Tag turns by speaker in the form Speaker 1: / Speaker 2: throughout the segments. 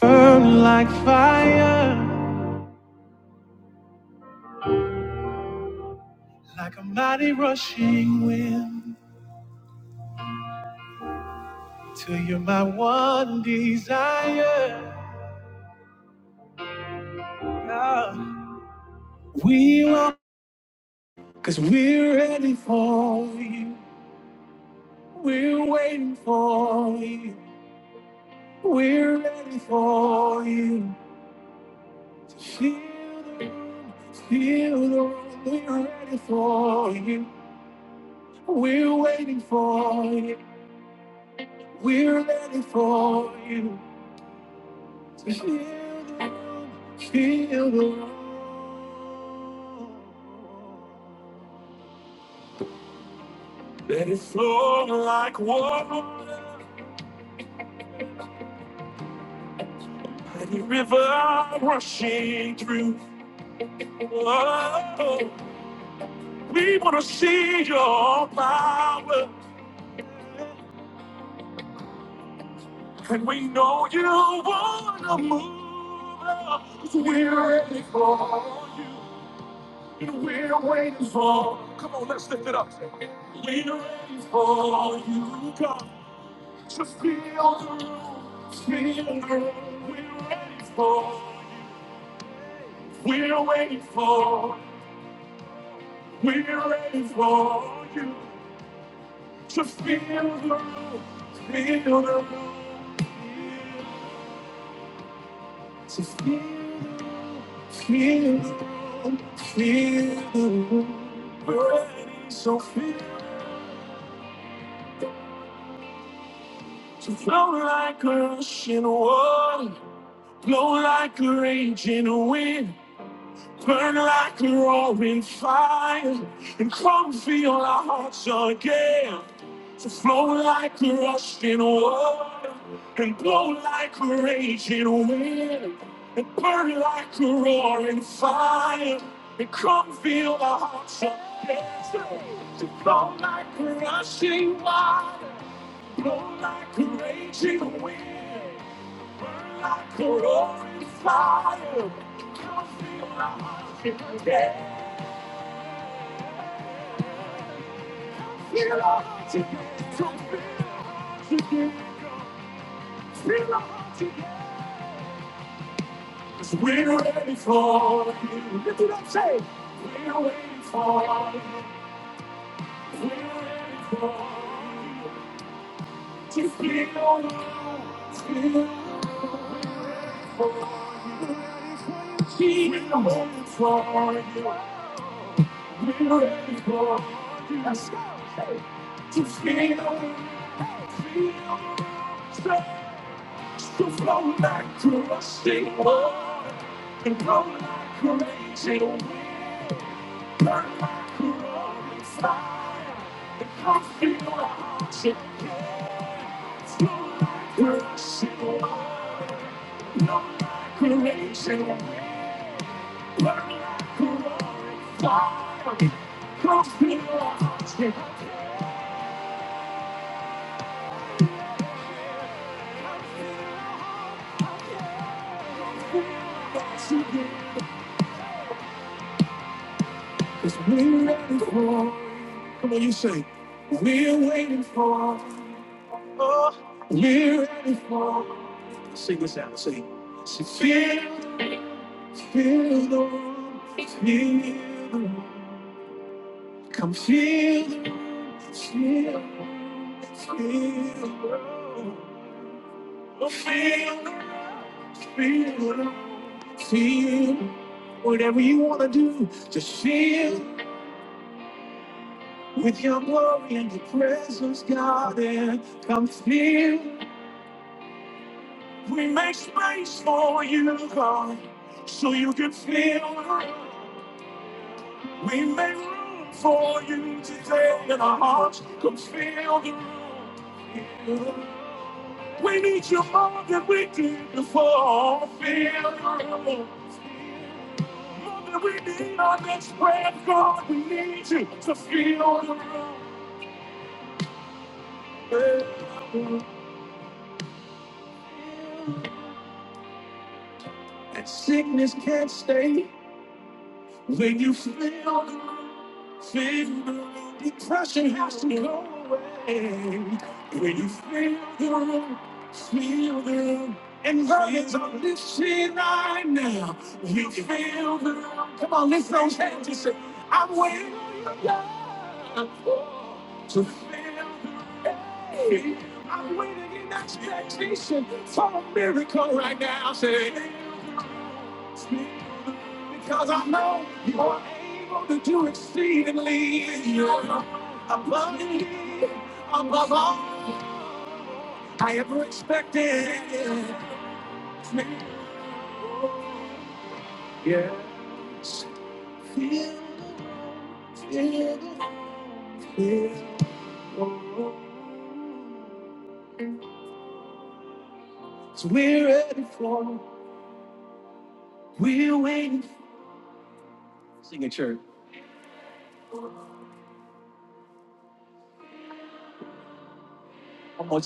Speaker 1: Burn like fire, like a mighty rushing wind, till you're my one desire. God, we want, cause we're ready for you. We're waiting for you. We're ready for you. To feel the room, feel the room. We're ready for you. We're waiting for you. We're ready for you. Feel the love. Let it flow like water, like a river rushing through. Oh, we want to see your power, and we know you want to move us. We're ready for you, and we're waiting for. Come on, let's lift it up. We're ready for you, God. Just feel the room, feel the room. We're ready for you. We're waiting for. We're ready for you. Just feel the room, feel the room. Just feel the room, feel the room, feel the room. We're ready, so feel. So flow like a rushing water, blow like a raging wind. Burn like a roaring fire and come feel our hearts again. To flow like a rushing water and blow like a raging wind. And burn like a roaring fire and come feel our hearts again. To flow like a rushing water, blow like a raging wind. Like a roaring fire, feel our hearts again. Cause we're ready for you. Lift it up, say, we're waiting for you. We're ready for you. To feel you. We're waiting for you. We're ready for you. Let's go. Hey. To feel you. Start to flow like through a single and go like crazy. Come on, you say, we're waiting for, oh, we're ready for. Sing this out, sing. Feel, feel the warmth, feel the warmth. Come feel, the room, feel, feel the room. Oh, feel, the room, feel, the room, feel. Whatever you want to do, just feel with your glory and your presence, God. And come feel. We make space for you, God, so you can feel. the room. We make room for you today in our hearts. Come feel the room. feel the room. We need you more than we did before. Feel your love. More than we need our next breath, God. We need you to feel your love. And sickness can't stay. When you feel feel depression has to go away. When you feel the room, feel the room, and burdens are lifted right now. You feel the room. Come on, lift those hands and say, I'm waiting on you, God, to feel the room. I'm waiting in expectation for a miracle right now. Say. Because I know you are able to do exceedingly abundantly above all I ever expected. Yes. Feel, feel, feel. So we're ready for, we're waiting. Sing it, church. One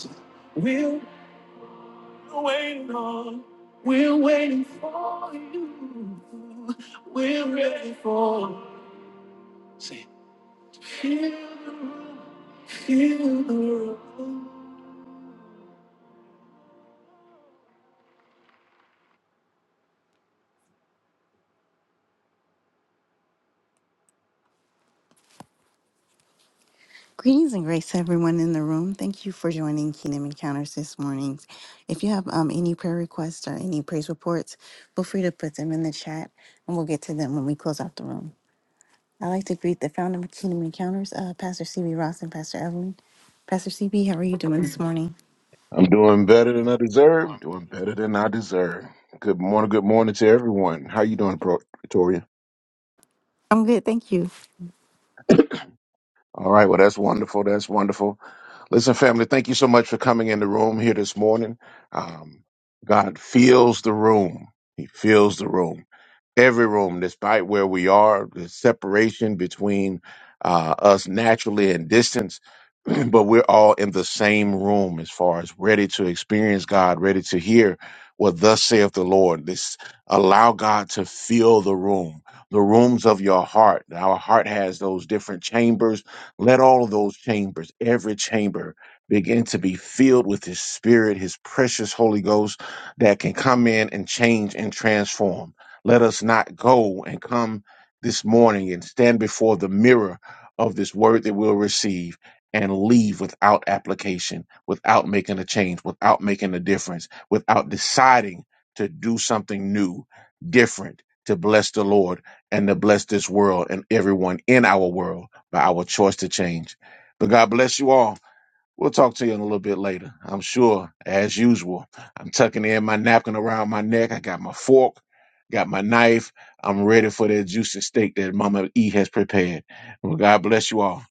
Speaker 1: we time. We're waiting on. We're waiting for you. We're ready for. Say, feel the room, feel the room. Greetings and grace to everyone in the room. Thank you for joining Kingdom Encounters this morning. If you have um, any prayer requests or any praise reports, feel free to put them in the chat and we'll get to them when we close out the room. I'd like to greet the founder of Kingdom Encounters, uh, Pastor CB Ross and Pastor Evelyn. Pastor CB, how are you doing this morning?
Speaker 2: I'm doing better than I deserve. Doing better than I deserve. Good morning. Good morning to everyone. How you doing, Pro- Pretoria?
Speaker 1: I'm good, thank you.
Speaker 2: All right. Well, that's wonderful. That's wonderful. Listen, family, thank you so much for coming in the room here this morning. Um, God feels the room. He feels the room. Every room, despite where we are, the separation between uh, us naturally and distance, but we're all in the same room as far as ready to experience God, ready to hear what thus saith the Lord. This allow God to fill the room, the rooms of your heart. Our heart has those different chambers let all of those chambers, every chamber, begin to be filled with His Spirit, His precious Holy Ghost that can come in and change and transform. Let us not go and come this morning and stand before the mirror of this word that we'll receive and leave without application, without making a change, without making a difference, without deciding to do something new, different, to bless the Lord and to bless this world and everyone in our world by our choice to change. But God bless you all. We'll talk to you in a little bit later. I'm sure, as usual. I'm tucking in my napkin around my neck. I got my fork, got my knife. I'm ready for that juicy steak that Mama E has prepared. Well, God bless you all.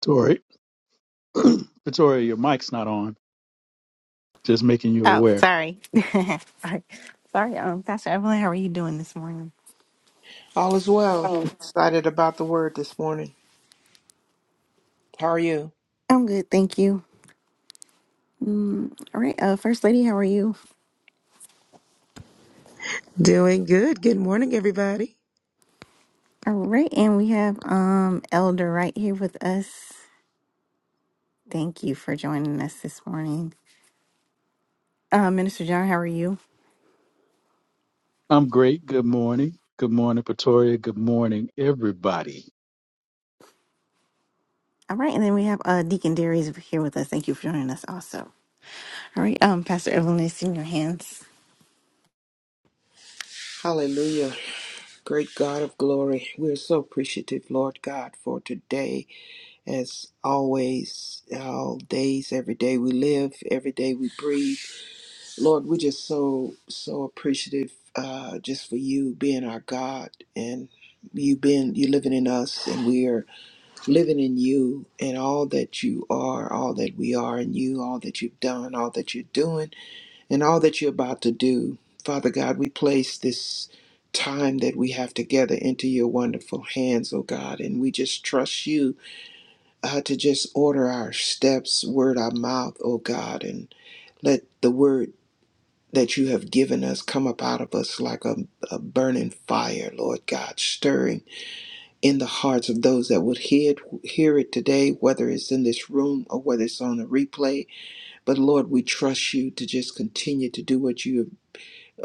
Speaker 3: Tori, Pretoria, your mic's not on. Just making you
Speaker 1: Oh,
Speaker 3: aware.
Speaker 1: sorry. sorry. Sorry, um, Pastor Evelyn, how are you doing this morning?
Speaker 4: All is well. Excited about the word this morning. How are you?
Speaker 1: I'm good, thank you. Mm, all right, uh, First Lady, how are you?
Speaker 5: Doing good. Good morning, everybody.
Speaker 1: All right, and we have um Elder right here with us. Thank you for joining us this morning. Uh, Minister John, how are you?
Speaker 3: I'm great. Good morning. Good morning, Pretoria. Good morning, everybody.
Speaker 1: All right, and then we have uh, Deacon Darius here with us. Thank you for joining us also. All right, um, Pastor Evelyn, it's in your hands.
Speaker 4: Hallelujah. Great God of glory. We're so appreciative, Lord God, for today. As always, all days, every day we live, every day we breathe. Lord, we're just so, so appreciative uh, just for you being our God and you being, you living in us and we are living in you and all that you are, all that we are in you, all that you've done, all that you're doing and all that you're about to do. Father God, we place this time that we have together into your wonderful hands, oh God, and we just trust you uh, to just order our steps, word our mouth, oh God, and let the word that you have given us come up out of us like a, a burning fire, Lord God, stirring in the hearts of those that would hear it, hear it today, whether it's in this room or whether it's on a replay. But Lord, we trust you to just continue to do what you have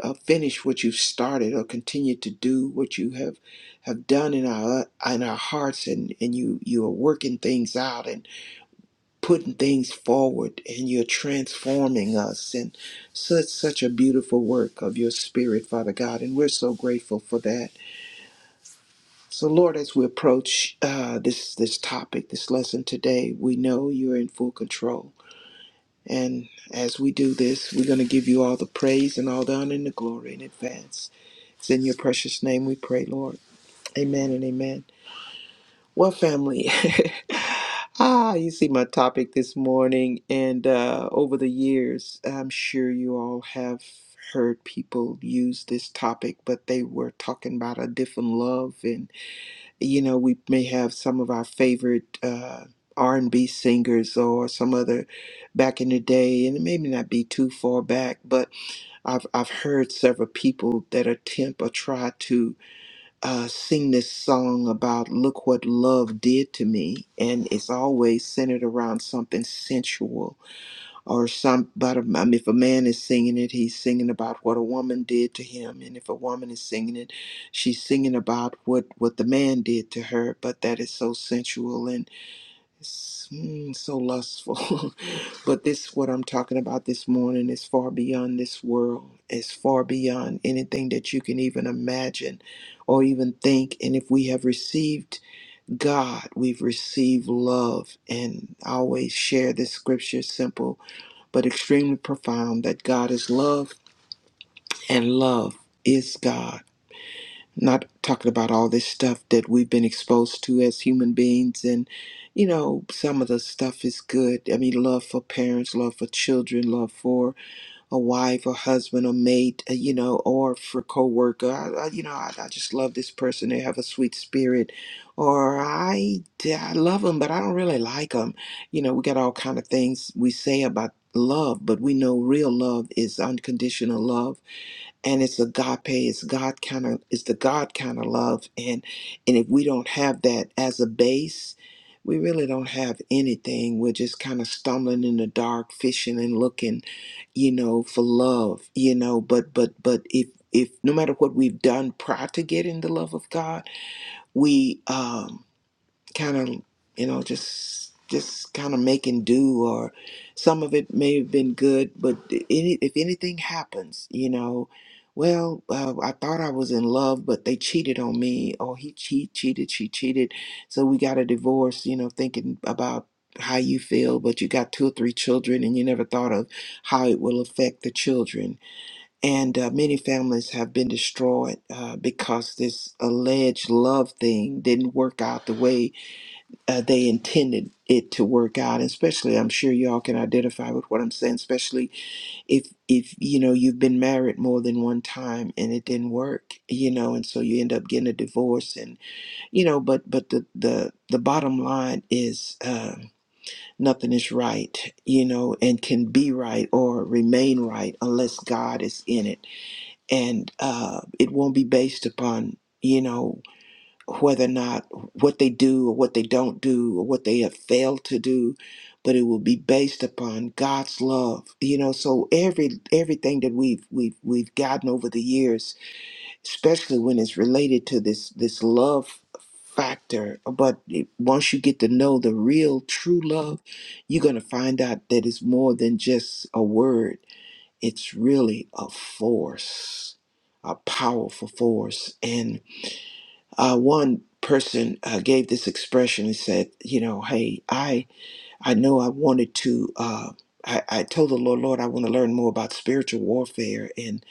Speaker 4: uh, finish what you've started or continue to do what you have have done in our in our hearts and and you you are working things out and putting things forward and you're transforming us and such such a beautiful work of your spirit father god and we're so grateful for that so lord as we approach uh, this this topic this lesson today we know you're in full control and as we do this, we're going to give you all the praise and all the honor and the glory in advance. It's in your precious name we pray, Lord. Amen and amen. Well, family, ah, you see my topic this morning, and uh, over the years, I'm sure you all have heard people use this topic, but they were talking about a different love you know we may have some of our favorite uh, r&b singers or some other back in the day and it may not be too far back but i've, I've heard several people that attempt or try to uh, sing this song about look what love did to me and it's always centered around something sensual or some but um, um, if a man is singing it he's singing about what a woman did to him and if a woman is singing it she's singing about what what the man did to her but that is so sensual and s- mm, so lustful but this what i'm talking about this morning is far beyond this world it's far beyond anything that you can even imagine or even think and if we have received god we've received love and I always share this scripture simple but extremely profound that God is love and love is God. Not talking about all this stuff that we've been exposed to as human beings, and you know, some of the stuff is good. I mean, love for parents, love for children, love for a wife, a husband, a mate, uh, you know, or for coworker. I, I, you know, I, I just love this person. They have a sweet spirit, or I yeah, I love them, but I don't really like them. You know, we got all kind of things we say about love, but we know real love is unconditional love and it's agape it's god kind of it's the god kind of love and and if we don't have that as a base we really don't have anything we're just kind of stumbling in the dark fishing and looking you know for love you know but but but if if no matter what we've done prior to getting the love of god we um kind of you know just just kind of making do or some of it may have been good but any if anything happens you know well uh, i thought i was in love but they cheated on me or he che- cheated she cheated so we got a divorce you know thinking about how you feel but you got two or three children and you never thought of how it will affect the children and uh, many families have been destroyed uh, because this alleged love thing didn't work out the way uh, they intended it to work out especially i'm sure y'all can identify with what i'm saying especially if if you know you've been married more than one time and it didn't work you know and so you end up getting a divorce and you know but but the the the bottom line is uh, nothing is right you know and can be right or remain right unless god is in it and uh it won't be based upon you know whether or not what they do or what they don't do or what they have failed to do but it will be based upon God's love you know so every everything that we've we've we've gotten over the years especially when it's related to this this love factor but it- once you get to know the real true love you're going to find out that it's more than just a word it's really a force a powerful force uh, one person uh, gave this expression and said, you know, hey, I I know I wanted to. Uh, I, I told the Lord, Lord, I want to learn more about spiritual warfare, and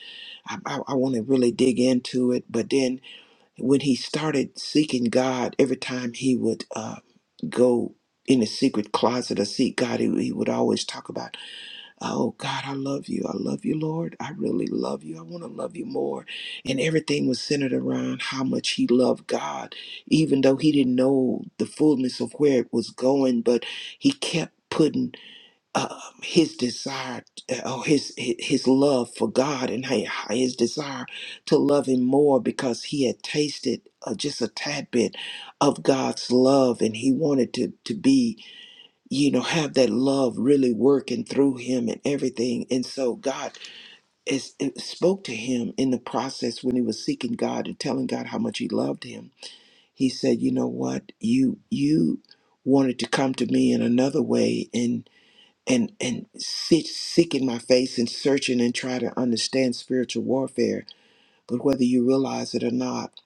Speaker 4: I, I, I want to really dig into it. But then, when he started seeking God, every time he would uh, go in the secret closet or seek God, he, he would always talk about. Oh God, I love you. I love you, Lord. I really love you. I want to love you more. And everything was centered around how much he loved God, even though he didn't know the fullness of where it was going, but he kept putting um, his desire uh, or his his his love for God and hi- his desire to love him more because he had tasted uh, just a tad bit of God's love and he wanted to to be you know, have that love really working through him and everything. And so God is, it spoke to him in the process when he was seeking God and telling God how much he loved him. He said, "You know what? You you wanted to come to me in another way and and and sit, seeking my face and searching and try to understand spiritual warfare. But whether you realize it or not,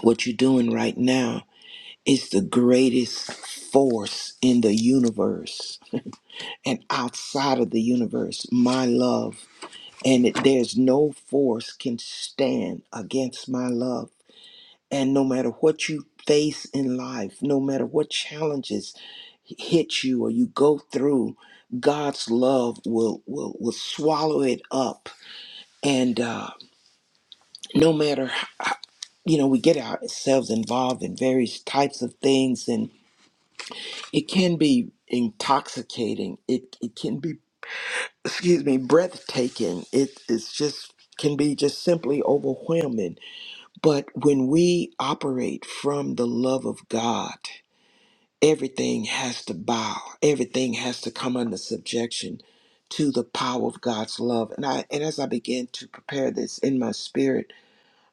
Speaker 4: what you're doing right now is the greatest force in the universe." and outside of the universe, my love. And it, there's no force can stand against my love. And no matter what you face in life, no matter what challenges hit you or you go through, God's love will will, will swallow it up. And uh, no matter, how, you know, we get ourselves involved in various types of things, and it can be intoxicating. It it can be excuse me, breathtaking. It is just can be just simply overwhelming. But when we operate from the love of God, everything has to bow. Everything has to come under subjection to the power of God's love. And I and as I began to prepare this in my spirit,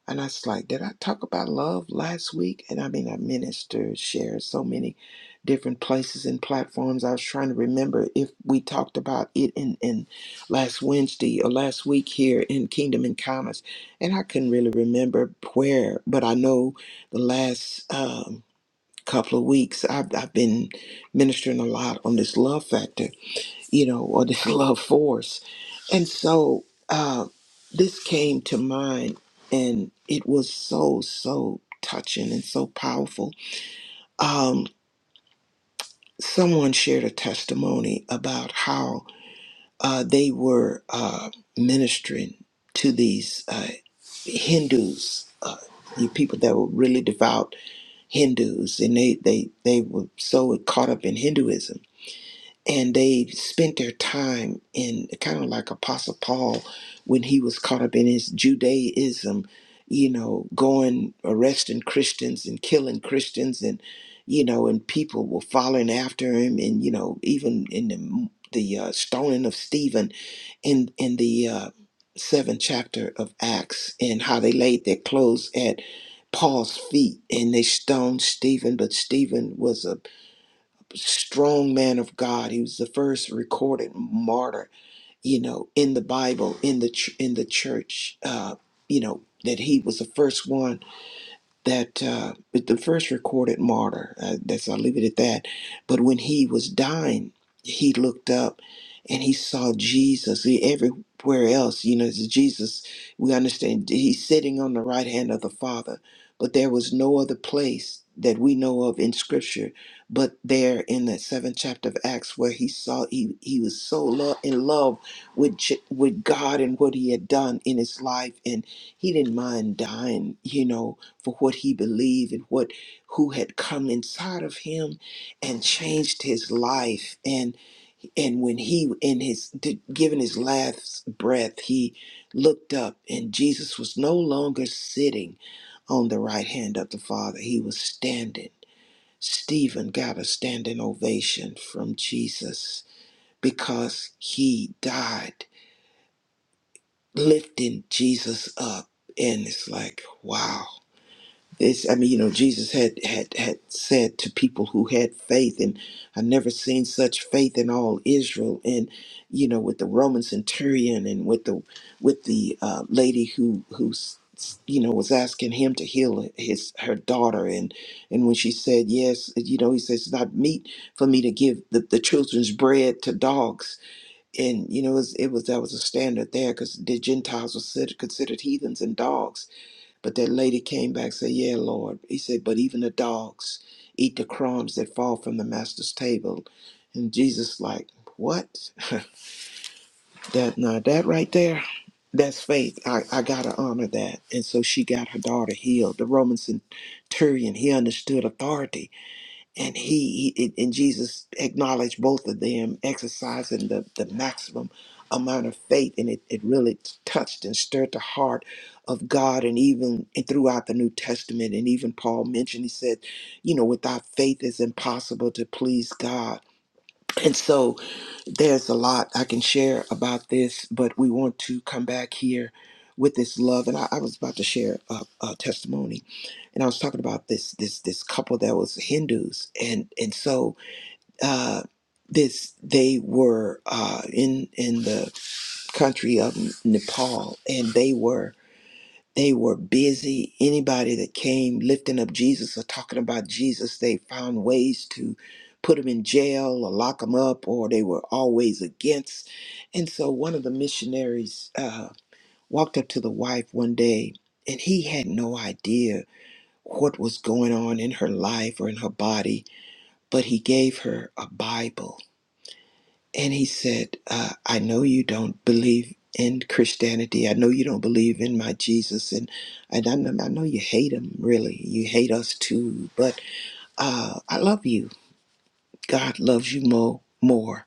Speaker 4: and I was like, did I talk about love last week? And I mean, I ministered, shared so many different places and platforms. I was trying to remember if we talked about it in, in last Wednesday or last week here in Kingdom and Commerce. And I couldn't really remember where, but I know the last um, couple of weeks I've, I've been ministering a lot on this love factor you know, or this love force. And so uh, this came to mind, and it was so, so touching and so powerful. Um, someone shared a testimony about how uh, they were uh, ministering to these uh, Hindus. Uh, you people that were really devout Hindus, and they they they were so caught up in Hinduism, and they spent their time in kind of like apostle paul when he was caught up in his judaism you know going arresting christians and killing christians and you know and people were following after him and you know even in the the uh, stoning of stephen in in the uh, seventh chapter of acts and how they laid their clothes at paul's feet and they stoned stephen but stephen was a strong man of God. He was the first recorded martyr, you know, in the Bible, in the ch- in the church. Uh, you know that he was the first one that uh, the first recorded martyr. Uh, that's I'll leave it at that. But when he was dying, he looked up and he saw Jesus. See, everywhere else, you know, it's Jesus. We understand he's sitting on the right hand of the Father, but there was no other place that we know of in Scripture, but there in that seventh chapter of Acts, where he saw he he was so lo- in love with J- with God and what he had done in his life, and he didn't mind dying, you know for what he believed and what who had come inside of him and changed his life and and when he in his did, given his last breath he looked up and Jesus was no longer sitting on the right hand of the father he was standing Stephen got a standing ovation from Jesus because he died lifting Jesus up and it's like wow It's, I mean, you know, Jesus had, had had said to people who had faith, and I never seen such faith in all Israel. And you know, with the Roman centurion, and with the with the uh, lady who who's you know was asking him to heal his her daughter, and and when she said yes, you know, he says it's not meat for me to give the, the children's bread to dogs. And you know, it was, it was that was a standard there because the Gentiles were considered considered heathens and dogs but that lady came back and said, Yeah, Lord. He said, But even the dogs eat the crumbs that fall from the master's table. And Jesus like, What? That now that right there, that's faith. I, I gotta honor that. And so she got her daughter healed. The Roman centurion, he understood authority and he, he and jesus acknowledged both of them exercising the, the maximum amount of faith and it, it really touched and stirred the heart of god and even and throughout the new testament and even paul mentioned he said you know without faith it's impossible to please god and so there's a lot I can share about this, but we want to come back here with this love. And I, I was about to share a, a testimony, and I was talking about this this this couple that was Hindus, and and so uh, this they were uh, in in the country of Nepal, and they were they were busy. Anybody that came lifting up Jesus or talking about Jesus, they found ways to put him in jail or lock him up, or they were always against. And so one of the missionaries uh, walked up to the wife one day, and he had no idea what was going on in her life or in her body, but he gave her a Bible and he said, uh, I know you don't believe in Christianity. I know you don't believe in my Jesus. And, and I, know, I know you hate him, really. You hate us too. But uh, I love you. God loves you more, more.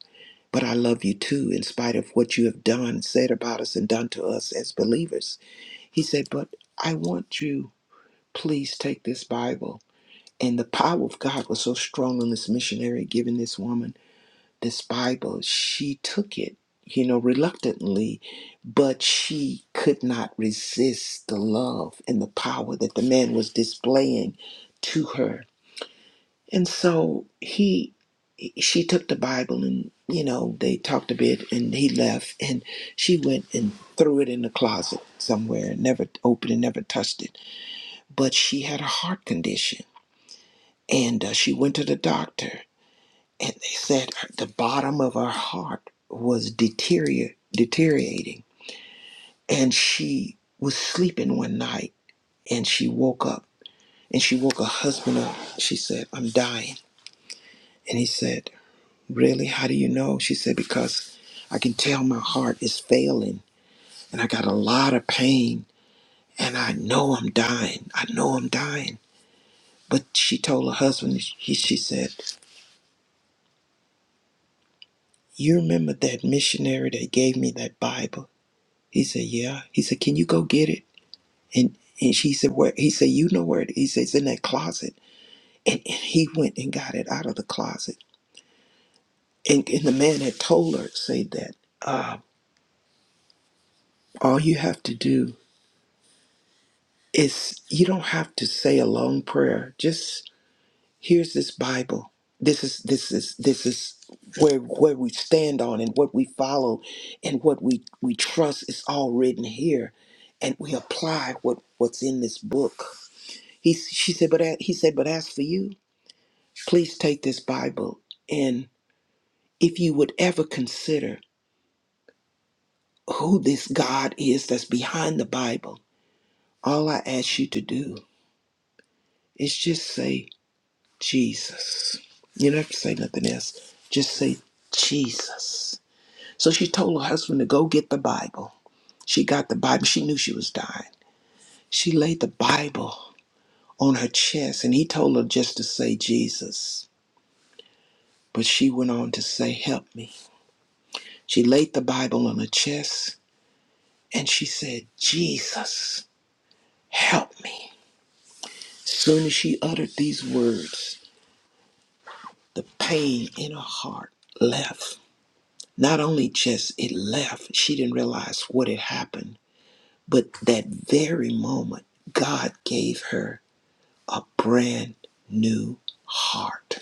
Speaker 4: But I love you too, in spite of what you have done, said about us, and done to us as believers. He said, But I want you, please take this Bible. And the power of God was so strong on this missionary, giving this woman this Bible, she took it, you know, reluctantly, but she could not resist the love and the power that the man was displaying to her. And so he she took the Bible and you know, they talked a bit and he left and she went and threw it in the closet somewhere, never opened it, never touched it. But she had a heart condition and uh, she went to the doctor and they said the bottom of her heart was deterior- deteriorating and she was sleeping one night and she woke up and she woke her husband up she said i'm dying and he said really how do you know she said because i can tell my heart is failing and i got a lot of pain and i know i'm dying i know i'm dying but she told her husband he, she said you remember that missionary that gave me that bible He said, Yeah. He said, Can you go get it? And and she said, Where he said, You know where it is. he said, It's in that closet. And, and he went and got it out of the closet. And and the man had told her, say that, uh, all you have to do is you don't have to say a long prayer. Just here's this Bible. This is this is this is where where we stand on and what we follow and what we, we trust is all written here. And we apply what, what's in this book He, she said, but a- he said, but as for you, please take this Bible and if you would ever consider who this God is that's behind the Bible, all I ask you to do is just say Jesus. You don't have to say nothing else. Just say Jesus. So she told her husband to go get the Bible. She got the Bible. She knew she was dying. She laid the Bible on her chest and he told her just to say Jesus. But she went on to say, Help me. She laid the Bible on her chest and she said, Jesus, help me. Soon as she uttered these words, the pain in her heart left. Not only just it left, she didn't realize what had happened, but that very moment, God gave her a brand new heart.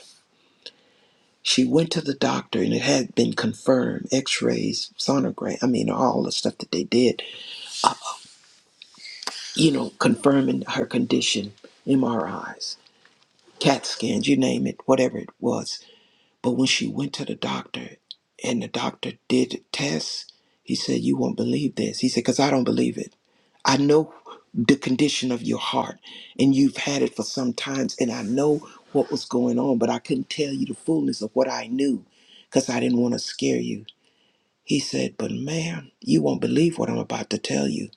Speaker 4: She went to the doctor and it had been confirmed, x rays, sonogram, I mean, all the stuff that they did you know, confirming her condition, MRIs, CAT scans, you name it, whatever it was. But when she went to the doctor and the doctor did tests, he said, You won't believe this. He said, Because I don't believe it. I know the condition of your heart and you've had it for some times and I know what was going on, but I couldn't tell you the fullness of what I knew because I didn't want to scare you. He said, But ma'am, you won't believe what I'm about to tell you.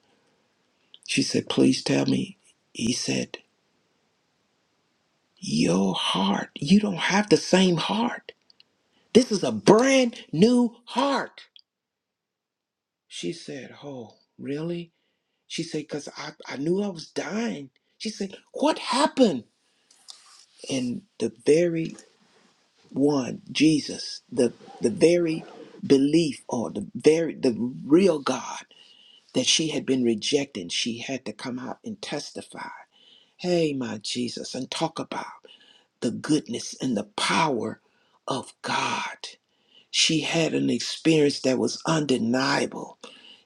Speaker 4: She said, Please tell me. He said, Your heart, you don't have the same heart. This is a brand new heart. She said, Oh, really? She said, Because I, I knew I was dying. She said, What happened? And the very one, Jesus, the, the very belief or the very the real God that she had been rejecting, she had to come out and testify. Hey, my Jesus, and talk about the goodness and the power of God. she had an experience that was undeniable.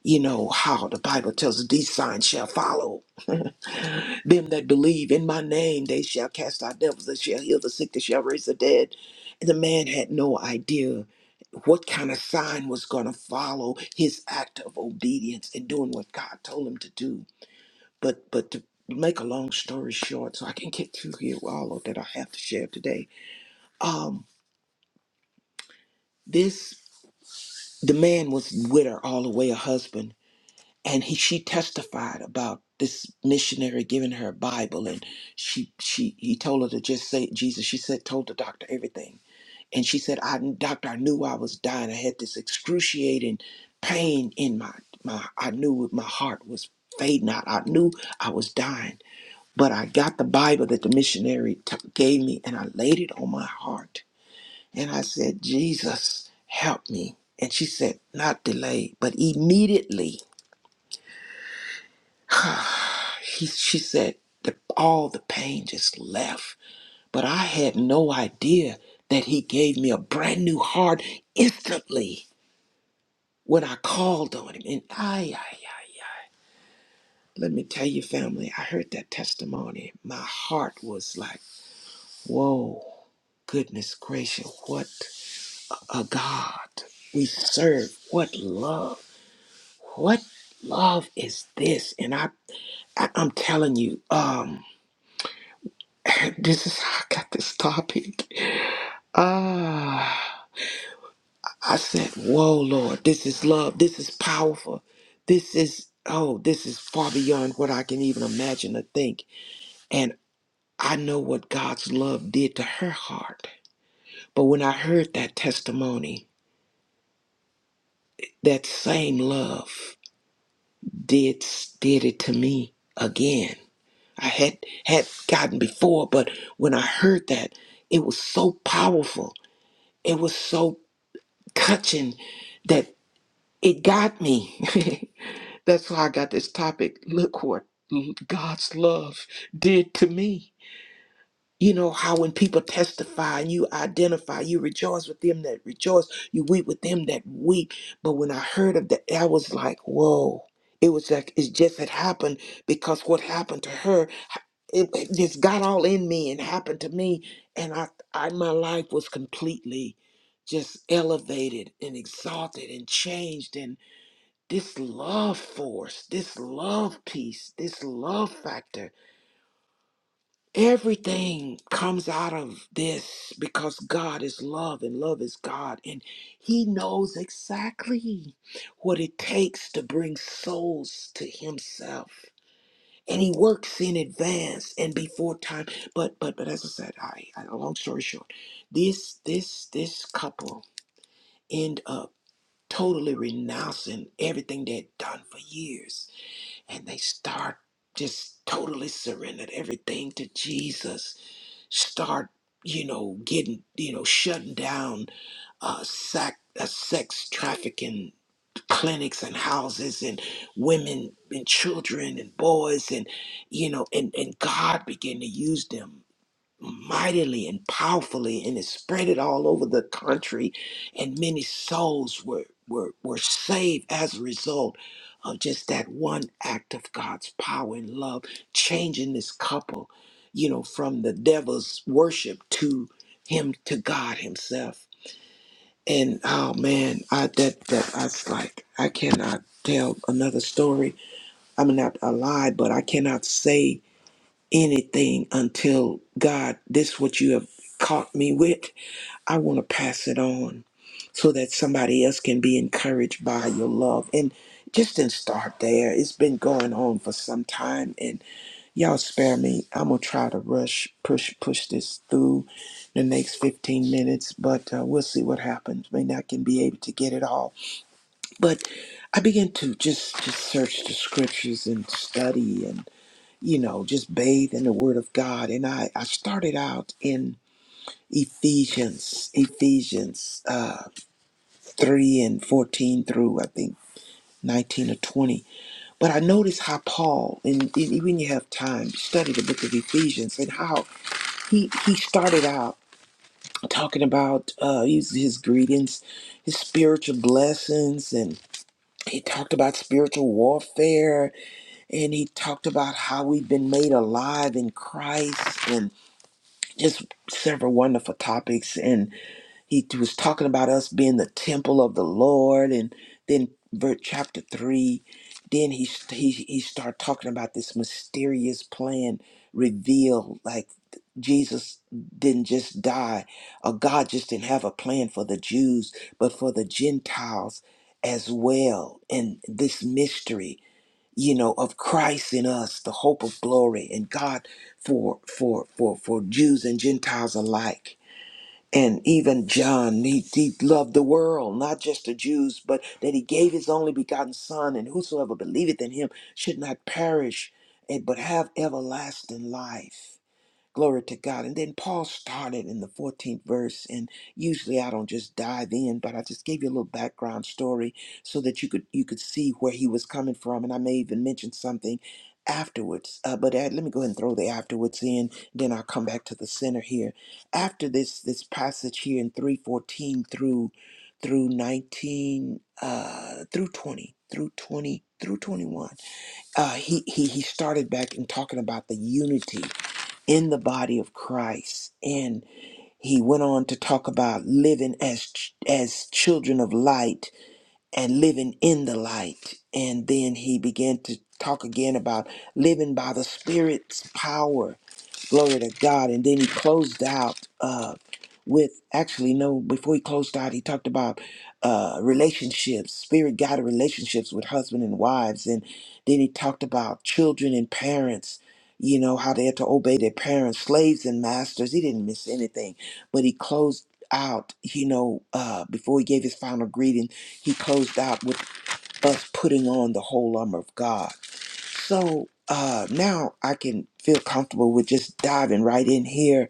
Speaker 4: You know how the Bible tells us these signs shall follow them that believe in my name, they shall cast out devils, they shall heal the sick, they shall raise the dead. And the man had no idea what kind of sign was going to follow his act of obedience and doing what God told him to do. But but to make a long story short, so I can get through here with all of that I have to share today. Um, this the man was with her all the way, a husband and he she testified about this missionary giving her a Bible and she she he told her to just say Jesus. She said told the doctor everything. And she said, I doctor, I knew I was dying. I had this excruciating pain in my my I knew my heart was fading out. I knew I was dying. But I got the Bible that the missionary t- gave me and I laid it on my heart. And I said, Jesus, help me. And she said, not delayed, but immediately he, she said that all the pain just left but i had no idea that he gave me a brand new heart instantly when i called on him and i, I, I let me tell you family i heard that testimony my heart was like whoa goodness gracious what a god we serve what love what love is this and i, I i'm telling you um. this is how I got this topic. Ah, I said, Whoa, Lord, this is love. This is powerful. This is, oh, this is far beyond what I can even imagine or think. And I know what God's love did to her heart. But when I heard that testimony, that same love did did it to me again. I had had gotten before, but when I heard that, it was so powerful. It was so touching that. it got me. That's why I got this topic. Look what God's love did to me. You know how when people testify and you identify, you rejoice with them that rejoice, you weep with them that weep. But when I heard of that, I was like, whoa. It was like it just had happened because what happened to her, it, it just got all in me and happened to me, and I, I my life was completely just elevated and exalted and changed this love force, this love piece, this love factor. Everything comes out of this because God is love and love is God. And He knows exactly what it takes to bring souls to Himself. And he works in advance and before time. But but but as I said, I, I long story short, this this this couple end up totally renouncing everything they'd done for years and they start just totally surrendered everything to Jesus. Start, you know, getting, you know, shutting down uh, sac- uh, sex trafficking clinics and houses and women and children and boys and you know and and god began to use them mightily and powerfully and it spread it all over the country and many souls were were, were saved as a result of just that one act of God's power and love changing this couple you know from the devil's worship to him to God himself and oh man I that that I was like I cannot tell another story I mean not a lie but I cannot say anything until God, this is what you have caught me with. I want to pass it on so that somebody else can be encouraged by your love. And just didn't start there. It's been going on for some time. And y'all spare me. I'm gonna try to rush, push, push this through the next 15 minutes, but uh, we'll see what happens. May not can be able to get it all. But I began to just just search the scriptures and study you know, just bathe in the Word of God. And I, I started out in Ephesians, Ephesians uh, 3 and 14 through, I think, 19 or 20. But I noticed how Paul, and e- e, when you have time, study the book of Ephesians and how he, he started out talking about uh, his, his greetings, his spiritual blessings, and he talked about spiritual warfare and he talked about how we've been made alive in Christ just several wonderful topics and he was talking about us being the temple of the lord and then verse chapter 3 then he he, he started talking about this mysterious plan revealed like jesus didn't just die or god just didn't have a plan for the jews but for the gentiles as well and this mystery you know of christ in us the hope of glory and god for for for for jews and gentiles alike and even john he, he loved the world not just the jews but that he gave his only begotten son and whosoever believeth in him should not perish eh, but have everlasting life Glory to God. And then Paul started in the 14th verse. And usually I don't just dive in, but I just gave you a little background story so that you could you could see where he was coming from. And I may even mention something afterwards. Uh, but uh, let me go ahead and throw the afterwards in. Then I'll come back to the center here. After this this passage here in 314 through through 19 uh through 20 through 20 through 21 uh he he he started back and talking about the unity in the body of Christ. And he went on to talk about living as ch- as children of light and living in the light. And then he began to talk again about living by the Spirit's power. Glory to God. And then he closed out uh, with actually, no, before he closed out, he talked about uh, relationships, spirit guided relationships with husband and wives. And then he talked about children and parents. You know, how they had to obey their parents, slaves and masters. He didn't miss anything. But he closed out, you know, uh, before he gave his final greeting he closed out with us putting on the whole armor of God. So uh, now I can feel comfortable with just diving right in here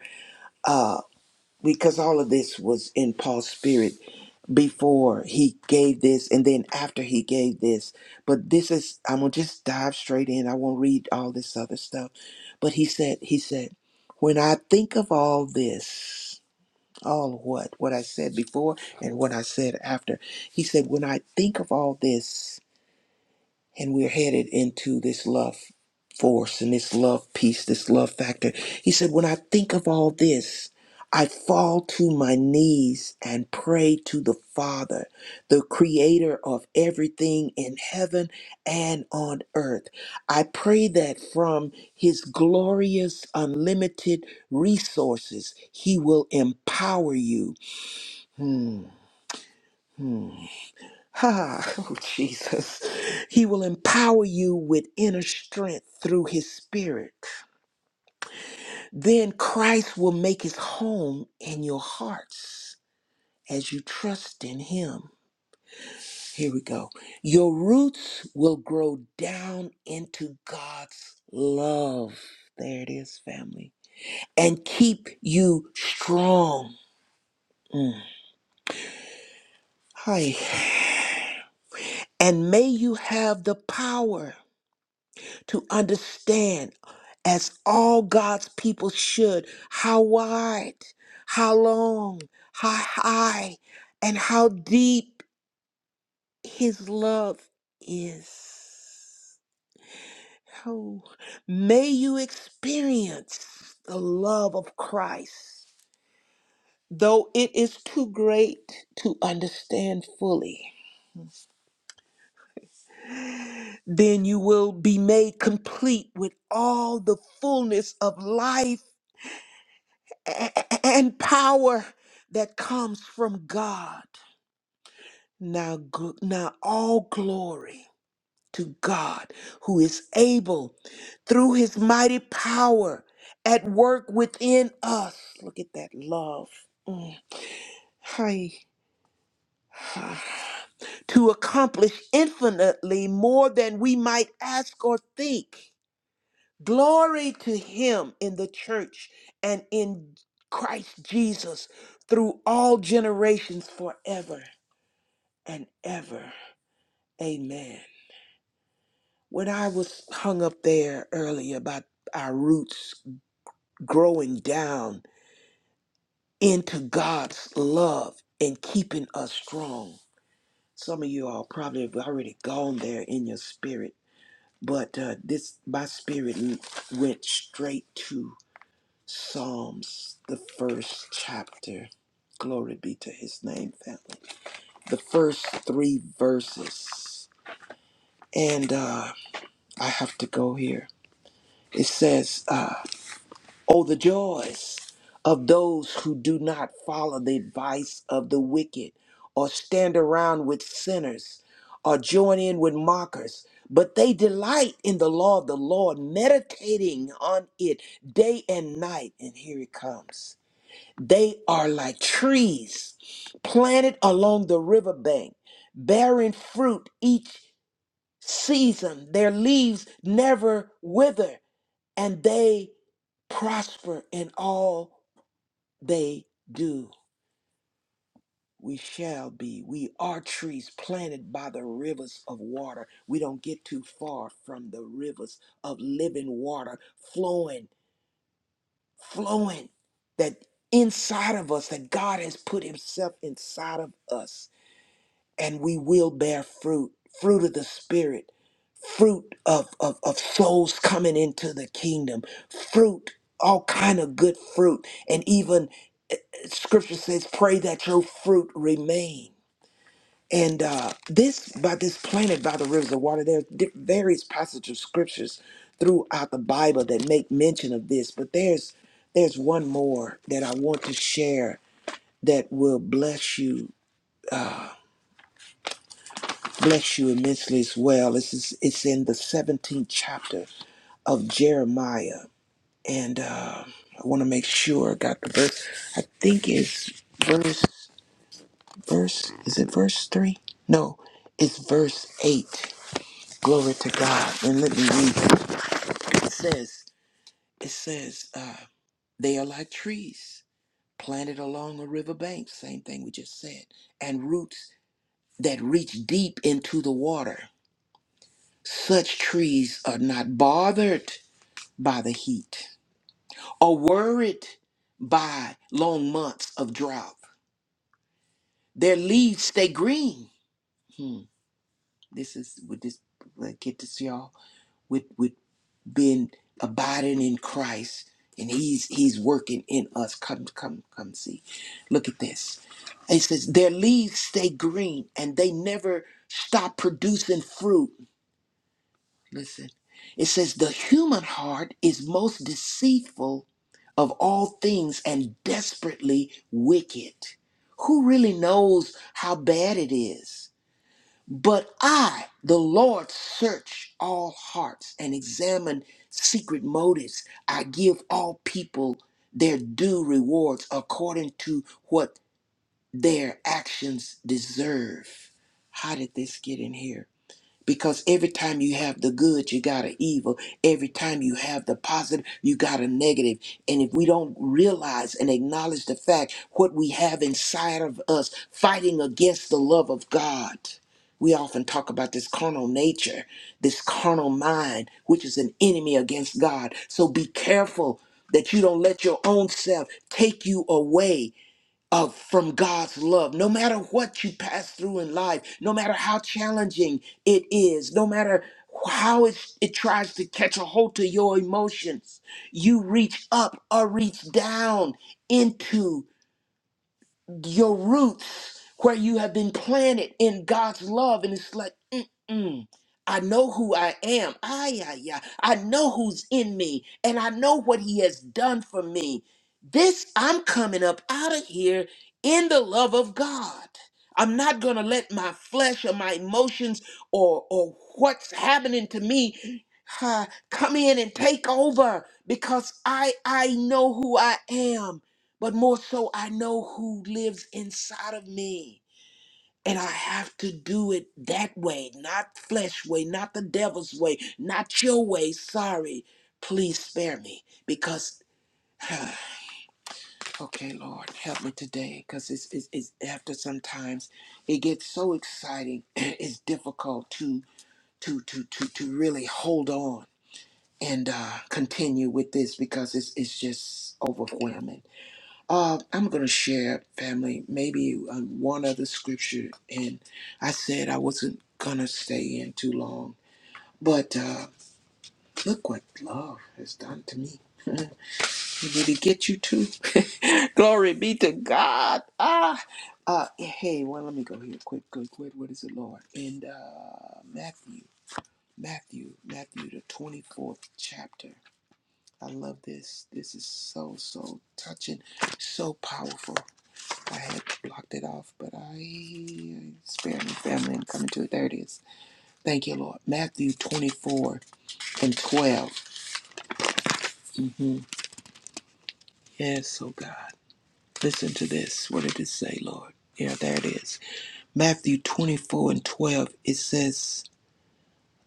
Speaker 4: uh, because all of this was in Paul's spirit before he gave this and then after he gave this. But this is, I'm going to just dive straight in. I won't read all this other stuff. But he said, he said, when I think of all this, all what? What I said before and what I said after. He said, when I think of all this, and we're headed into this love force and this love piece, this love factor. He said, When I think of all this, I fall to my knees and pray to the Father, the creator of everything in heaven and on earth. I pray that from his glorious, unlimited resources, he will empower you. Hmm, hmm. Ah, oh, Jesus. He will empower you with inner strength through his spirit. Then Christ will make his home in your hearts as you trust in him. Here we go. Your roots will grow down into God's love. There it is, family. And keep you strong. Mm. Hi. And may you have the power to understand as all God's people should. How wide, how long, how high, and how deep His love is. Oh, may you experience the love of Christ. Though it is too great to understand fully, then you will be made complete with all the fullness of life a- a- and power that comes from God. Now, gl- now all glory to God who is able through his mighty power at work within us. Look at that love. Mm. Hi. To accomplish infinitely more than we might ask or think Glory to him in the church and in Christ Jesus through all generations forever and ever. Amen. When I was hung up there earlier about our roots growing down into God's love and keeping us strong, some of you all probably have already gone there in your spirit, but uh, this my spirit went straight to. Psalms, the first chapter. Glory be to his name, family. The first three verses. And uh, I have to go here. It says, uh, Oh, the joys of those who do not follow the advice of the wicked, or stand around with sinners, or join in with mockers. But they delight in the law of the Lord, meditating on it day and night. And here it comes. They are like trees planted along the riverbank, bearing fruit each season. Their leaves never wither, and they prosper in all they do. We shall be. We are trees planted by the rivers of water. We don't get too far from the rivers of living water flowing, flowing that inside of us, that God has put Himself inside of us and we will bear fruit fruit of the spirit fruit of, of, of souls coming into the kingdom fruit all kind of good fruit and even scripture says pray that your fruit remain and uh, this by this planted by the rivers of water there's di- various passages of scriptures throughout the bible that make mention of this but there's there's one more that i want to share that will bless you bless you immensely as well. This is it's in the 17th chapter of Jeremiah, and uh, I want to make sure I got the verse. I think it's verse verse. Is it verse three? No, it's verse eight. Glory to God. And let me read. It says, it says, uh, they are like trees planted along a river bank. Same thing we just said, and roots that reach deep into the water. Such trees are not bothered by the heat or worried by long months of drought. Their leaves stay green. Hmm. This is with this like, get this y'all with with being abiding in Christ and he's he's working in us. Come come come see. Look at this. It says their leaves stay green and they never stop producing fruit Listen, it says the human heart is most deceitful of all things and desperately wicked. Who really knows how bad it is? But I, the Lord, search all hearts and examine secret motives. I give all people their due rewards according to what their actions deserve. How did this get in here? Because every time you have the good, you got an evil. Every time you have the positive, you got a negative. And if we don't realize and acknowledge the fact what we have inside of us fighting against the love of God, we often talk about this carnal nature, this carnal mind, which is an enemy against God. So be careful that you don't let your own self take you away of from God's love. No matter what you pass through in life, no matter how challenging it is, no matter how it's, it tries to catch a hold to your emotions, you reach up or reach down into your roots where you have been planted in God's love, and it's like, mm-mm. I know who I am. Ay, ay, ay. I know who's in me, and I know what He has done for me. This, I'm coming up out of here in the love of God. I'm not going to let my flesh or my emotions or, or what's happening to me uh, come in and take over because I, I know who I am but more so, I know who lives inside of me. And I have to do it that way, not flesh way, not the devil's way, not your way. Sorry. Please spare me because, okay, Lord, help me today because it's, it's, it's after sometimes it gets so exciting. It's difficult to, to, to, to, to really hold on and uh, continue with this because it's, it's just overwhelming. Uh, I'm going to share, family, maybe um, one other scripture. And I said I wasn't going to stay in too long. But uh, look what love has done to me. Did it get you too? Glory be to God. Ah, uh, yeah, hey, well, let me go here quick, quick, quick. What is it, Lord? And uh, Matthew, Matthew, Matthew, the 24th chapter. I love this. This is so, so touching, so powerful. I had blocked it off, but I spare my family. and coming to the thirties. Thank you, Lord. Matthew 24 and 12. hmm Yes, oh God. Listen to this. What did it say, Lord? Yeah, there it is. Matthew 24 and 12. It says,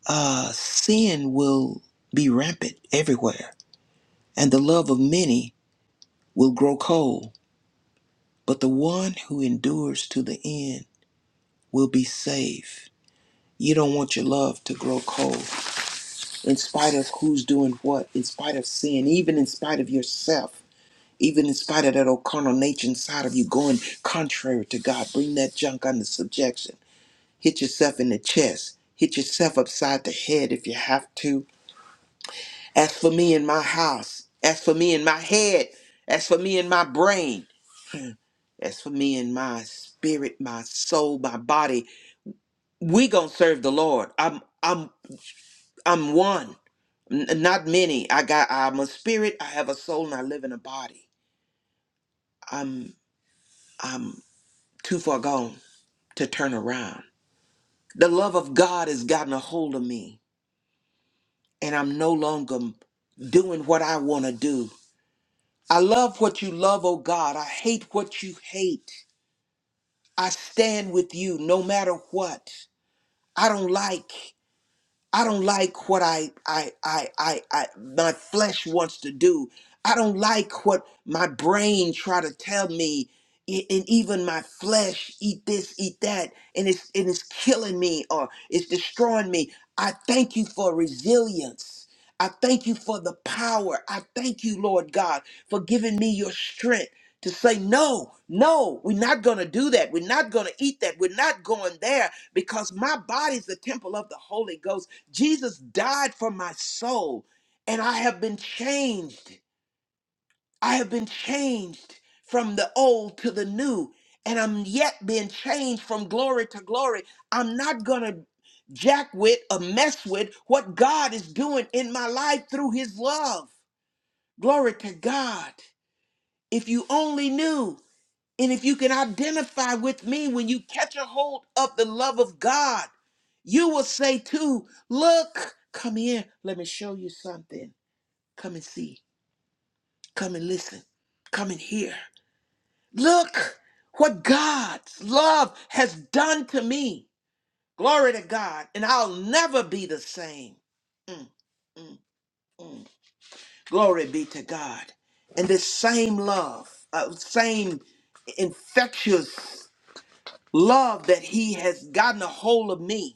Speaker 4: uh, Sin will be rampant everywhere, and the love of many will grow cold, but the one who endures to the end will be saved. You don't want your love to grow cold. in spite of who's doing what, in spite of sin, even in spite of yourself, even in spite of that old carnal nature inside of you going contrary to God. Bring that junk under subjection. Hit yourself in the chest. Hit yourself upside the head if you have to. As for me in my house, as for me in my head, as for me in my brain, as for me in my spirit, my soul, my body, we gonna serve the Lord. I'm I'm I'm one. N- not many. I got. I'm a spirit. I have a soul, and I live in a body. I'm. I'm too far gone to turn around. The love of God has gotten a hold of me, and I'm no longer doing what I want to do. I love what you love, oh God. I hate what you hate. I stand with you no matter what. I don't like. I don't like what I, I, I, I, I, my flesh wants to do. I don't like what my brain try to tell me, e- and even my flesh eat this, eat that, and it's and it's killing me or it's destroying me. I thank you for resilience. I thank you for the power. I thank you, Lord God, for giving me your strength to say no no we're not going to do that we're not going to eat that we're not going there because my body's the temple of the holy ghost jesus died for my soul and i have been changed i have been changed from the old to the new and i'm yet being changed from glory to glory i'm not going to jack with or mess with what god is doing in my life through his love glory to god if you only knew and if you can identify with me when you catch a hold of the love of God, you will say too, look, come here, let me show you something. Come and see. Come and listen. Come and hear. Look what God's love has done to me. Glory to God. And I'll never be the same. Glory be to God. And this same love, uh, same infectious love that He has gotten a hold of me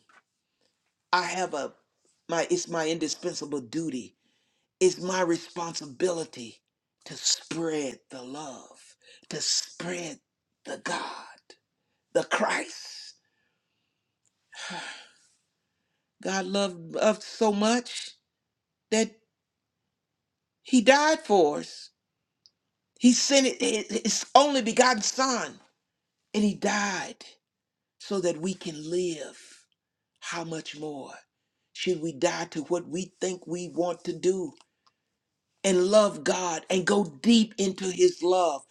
Speaker 4: I have a my it's my indispensable duty. It's my responsibility to spread the love, to spread the God, the Christ. God loved us so much that he died for us. He sent it- it- his only begotten son and he died so that we can live. How much more should we die to what we think we want to do? and love God and go deep into his love.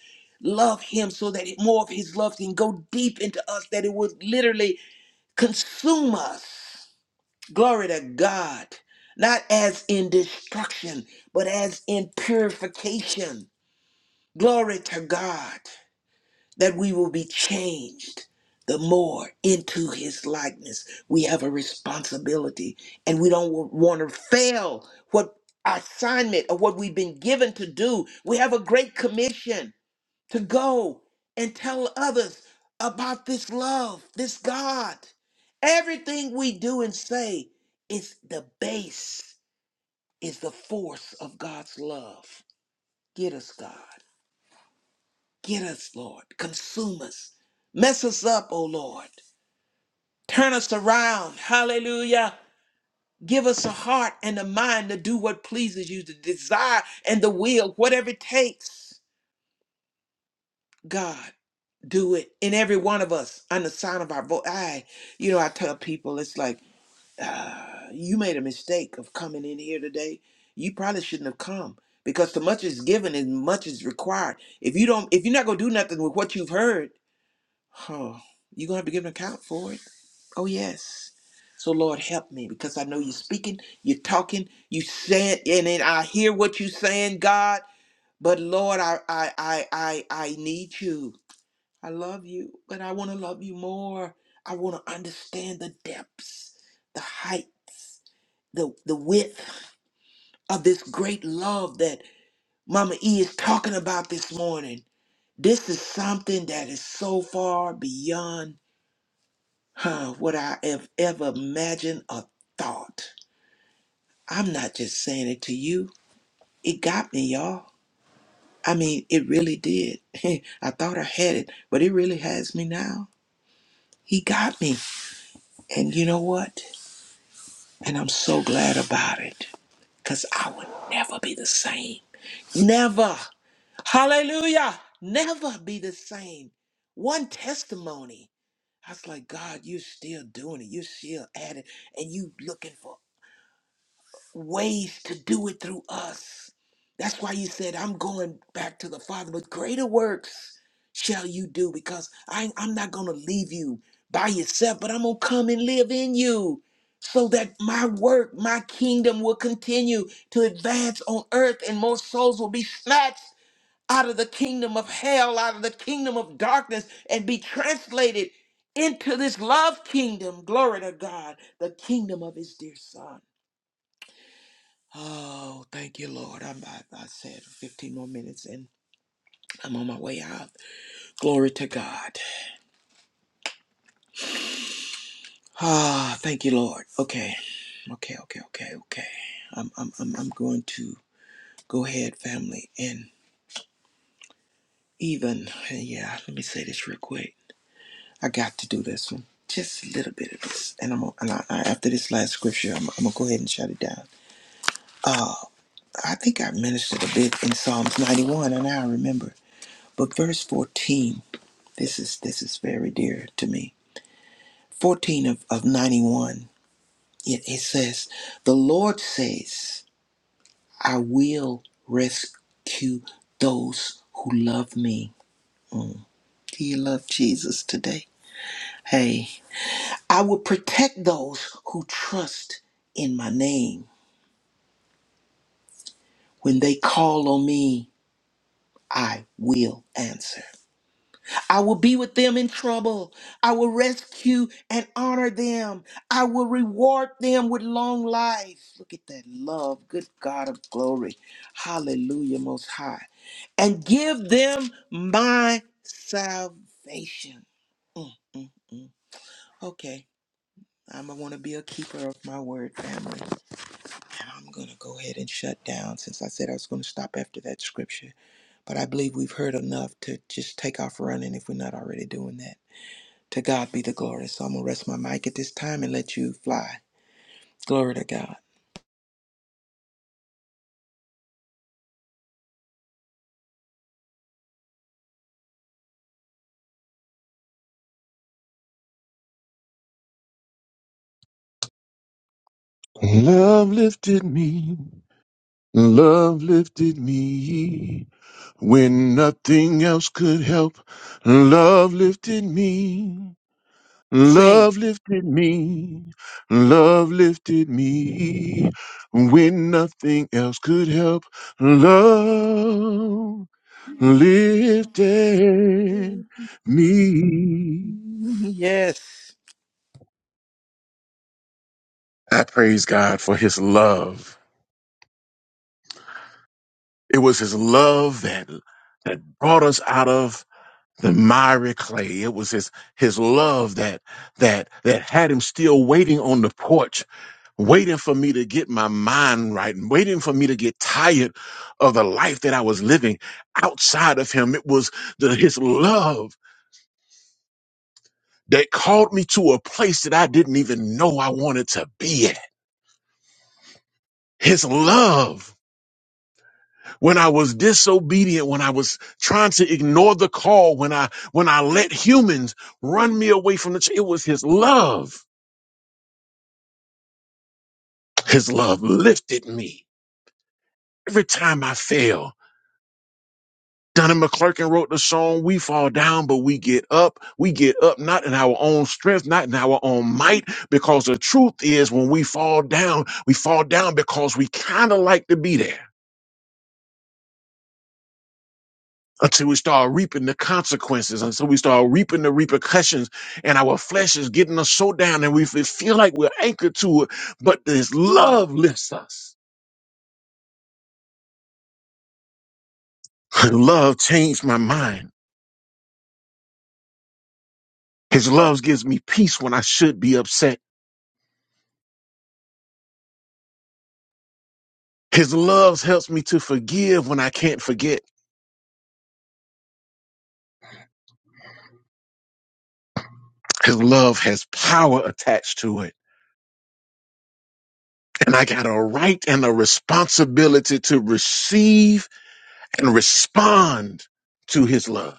Speaker 4: Love him so that it- more of his love can go deep into us, that it would literally consume us. Glory to God. Not as in destruction, but as in purification. Glory to God that we will be changed the more into his likeness. We have a responsibility and we don't want to fail what our assignment or what we've been given to do. We have a great commission to go and tell others about this love, this God. Everything we do and say is the base, is the force of God's love. Get us, God. Get us, Lord. Consume us. Mess us up, O Lord. Turn us around. Hallelujah. Give us a heart and a mind to do what pleases you, the desire and the will, whatever it takes. God, do it in every one of us on the sound of our voice. I, you know, I tell people it's like, uh, you made a mistake of coming in here today. You probably shouldn't have come because the much is given and much is required. If you don't, if you're not gonna do nothing with what you've heard, Oh, you're going to have to give an account for it. Oh, yes. So, Lord, help me because I know you're speaking, you're talking, you said, and then I hear what you're saying, God. But, Lord, I, I, I, I, I need you. I love you, but I want to love you more. I want to understand the depths, the heights, the, the width of this great love that Mama E is talking about this morning. This is something that is so far beyond Huh, would I have ever imagined or thought? I'm not just saying it to you. It got me, y'all. I mean, it really did. I thought I had it, but it really has me now. He got me. And you know what? And I'm so glad about it because I would never be the same. Never. Hallelujah. Never be the same. One testimony. I was like, God, you're still doing it. You're still at it. And you looking for ways to do it through us. That's why you said, I'm going back to the Father, but greater works shall you do because I, I'm not going to leave you by yourself, but I'm going to come and live in you so that my work, my kingdom will continue to advance on earth and more souls will be snatched out of the kingdom of hell, out of the kingdom of darkness, and be translated into this love kingdom. Glory to God, the kingdom of his dear son. Oh, thank you, Lord. I'm, I, I said 15 more minutes and I'm on my way out. Glory to God. Ah, thank you, Lord. Okay, okay, okay, okay, okay. I'm, I'm, I'm, I'm going to go ahead, family, and even, yeah, let me say this real quick. I got to do this one. Just a little bit of this. And I'm gonna- and I, I, after this last scripture, I'm, I'm going to go ahead and shut it down. I think I ministered a bit in Psalms 91, and now I remember. But verse 14, this is this is very dear to me. 14 of, of 91, it, it says, The Lord says, I will rescue those who love me. Do you love Jesus today? Hey, I will protect those who trust in my name. When they call on me, I will answer. I will be with them in trouble. I will rescue and honor them. I will reward them with long life. Look at that love. Good God of glory. Hallelujah, Most High. And give them my salvation. Mm, mm, mm. Okay. I'm going to want to be a keeper of my word, family. And I'm going to go ahead and shut down since I said I was going to stop after that scripture. But I believe we've heard enough to just take off running if we're not already doing that. To God be the glory. So I'm going to rest my mic at this time and let you fly. Glory to God.
Speaker 2: Love lifted me. Love lifted me when nothing else could help. Love lifted me.
Speaker 4: Sing.
Speaker 2: Love lifted me, love lifted me when nothing else could help. Love lifted me.
Speaker 4: Yes.
Speaker 2: I praise God for his love. It was his love that, that brought us out of the miry clay. It was his his love that that that had him still waiting on the porch, waiting for me to get my mind right, and waiting for me to get tired of the life that I was living outside of him. It was the, his love that called me to a place that I didn't even know I wanted to be at. His love when I was disobedient, when I was trying to ignore the call, when I when I let humans run me away from the ch- it was his love His love lifted me every time I fell. Donna McClurkin wrote the song, We Fall Down, but we get up. We get up not in our own strength, not in our own might, because the truth is when we fall down, we fall down because we kind of like to be there until we start reaping the consequences, until we start reaping the repercussions, and our flesh is getting us so down and we f- feel like we're anchored to it, but this love lifts us. Love changed my mind His love gives me peace when I should be upset. His love helps me to forgive when I can't forget. His love has power attached to it. And I got a right and a responsibility to receive and respond to his love.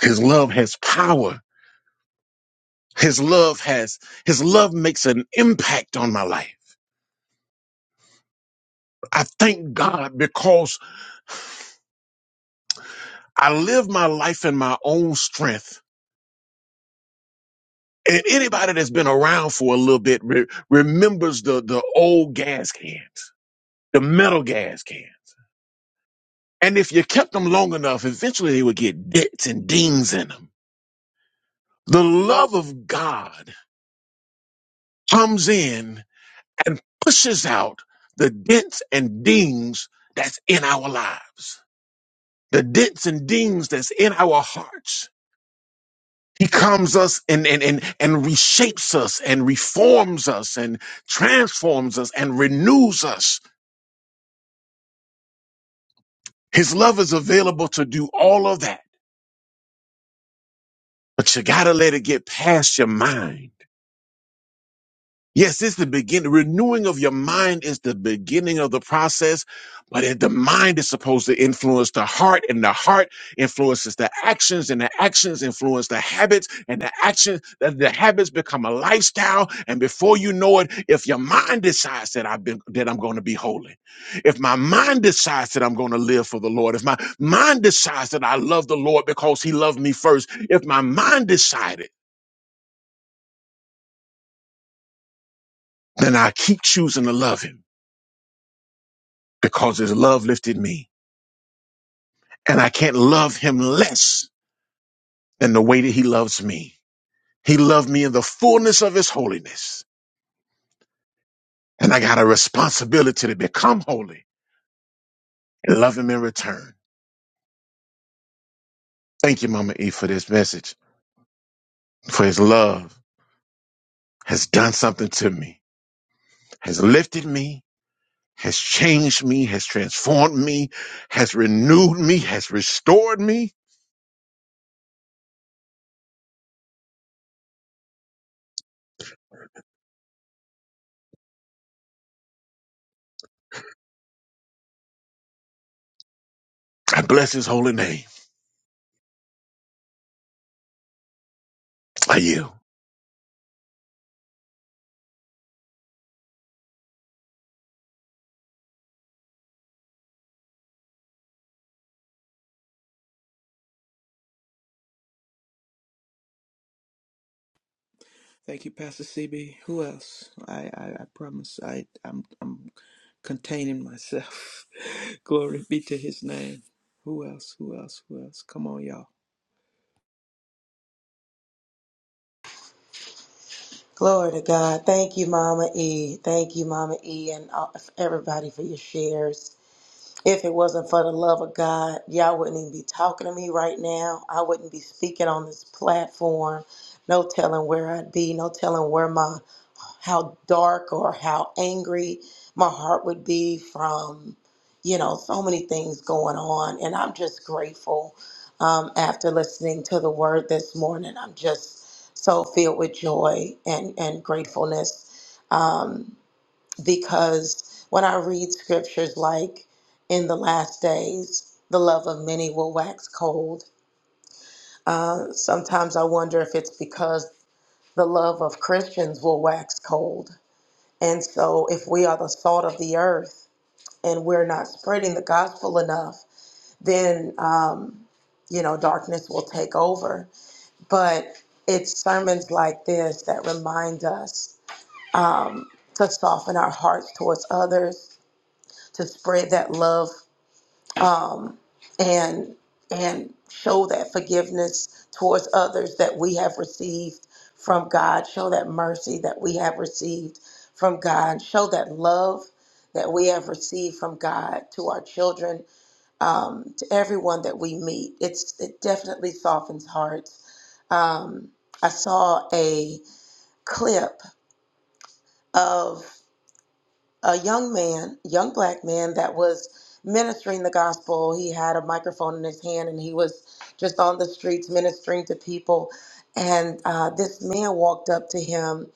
Speaker 2: His love has power. His love has, his love makes an impact on my life. I thank God because I live my life in my own strength And anybody that's been around for a little bit re- remembers the, the old gas cans, the metal gas cans. And if you kept them long enough, eventually they would get dents and dings in them. The love of God comes in and pushes out the dents and dings that's in our lives, the dents and dings that's in our hearts. He comes us and, and, and, and reshapes us and reforms us and transforms us and renews us His love is available to do all of that, but you gotta let it get past your mind. Yes, it's the beginning. Renewing of your mind is the beginning of the process, but it, the mind is supposed to influence the heart, and the heart influences the actions, and the actions influence the habits, and the actions, the, the habits become a lifestyle. And before you know it, if your mind decides that I've been that I'm going to be holy, if my mind decides that I'm going to live for the Lord, if my mind decides that I love the Lord because He loved me first, if my mind decided, then I keep choosing to love Him because his love lifted me. And I can't love him less than the way that he loves me. He loved me in the fullness of his holiness. And I got a responsibility to become holy and love him in return. Thank you, Mama E, for this message, for his love has done something to me, has lifted me, has changed me, has transformed me, has renewed me, has restored me. I bless his holy name. I you?
Speaker 4: Thank you, Pastor CB. Who else? I, I, I promise I, I'm, I'm containing myself. glory be to his name. Who else? Who else? Who else? Come on, y'all.
Speaker 5: Glory to God. Thank you, Mama E. Thank you, Mama E, and all- everybody for your shares. If it wasn't for the love of God, y'all wouldn't even be talking to me right now. I wouldn't be speaking on this platform. No telling where I'd be. No telling where my how dark or how angry my heart would be from, you know, so many things going on. And I'm just grateful um, after listening to the word this morning. I'm just so filled with joy and, and gratefulness um, because when I read scriptures like in the last days, the love of many will wax cold. Uh, sometimes I wonder if it's because the love of Christians will wax cold and so, if we are the salt of the earth and we're not spreading the gospel enough, then, um, you know, darkness will take over. But it's sermons like this that remind us um, to soften our hearts towards others, to spread that love um, and and show that forgiveness towards others that we have received from God. Show that mercy that we have received from God. Show that love that we have received from God to our children, um, to everyone that we meet. It's it definitely softens hearts. Um, I saw a clip of a young man, young black man that was ministering the gospel. He had a microphone in his hand and he was just on the streets ministering to people. And uh, this man walked up to him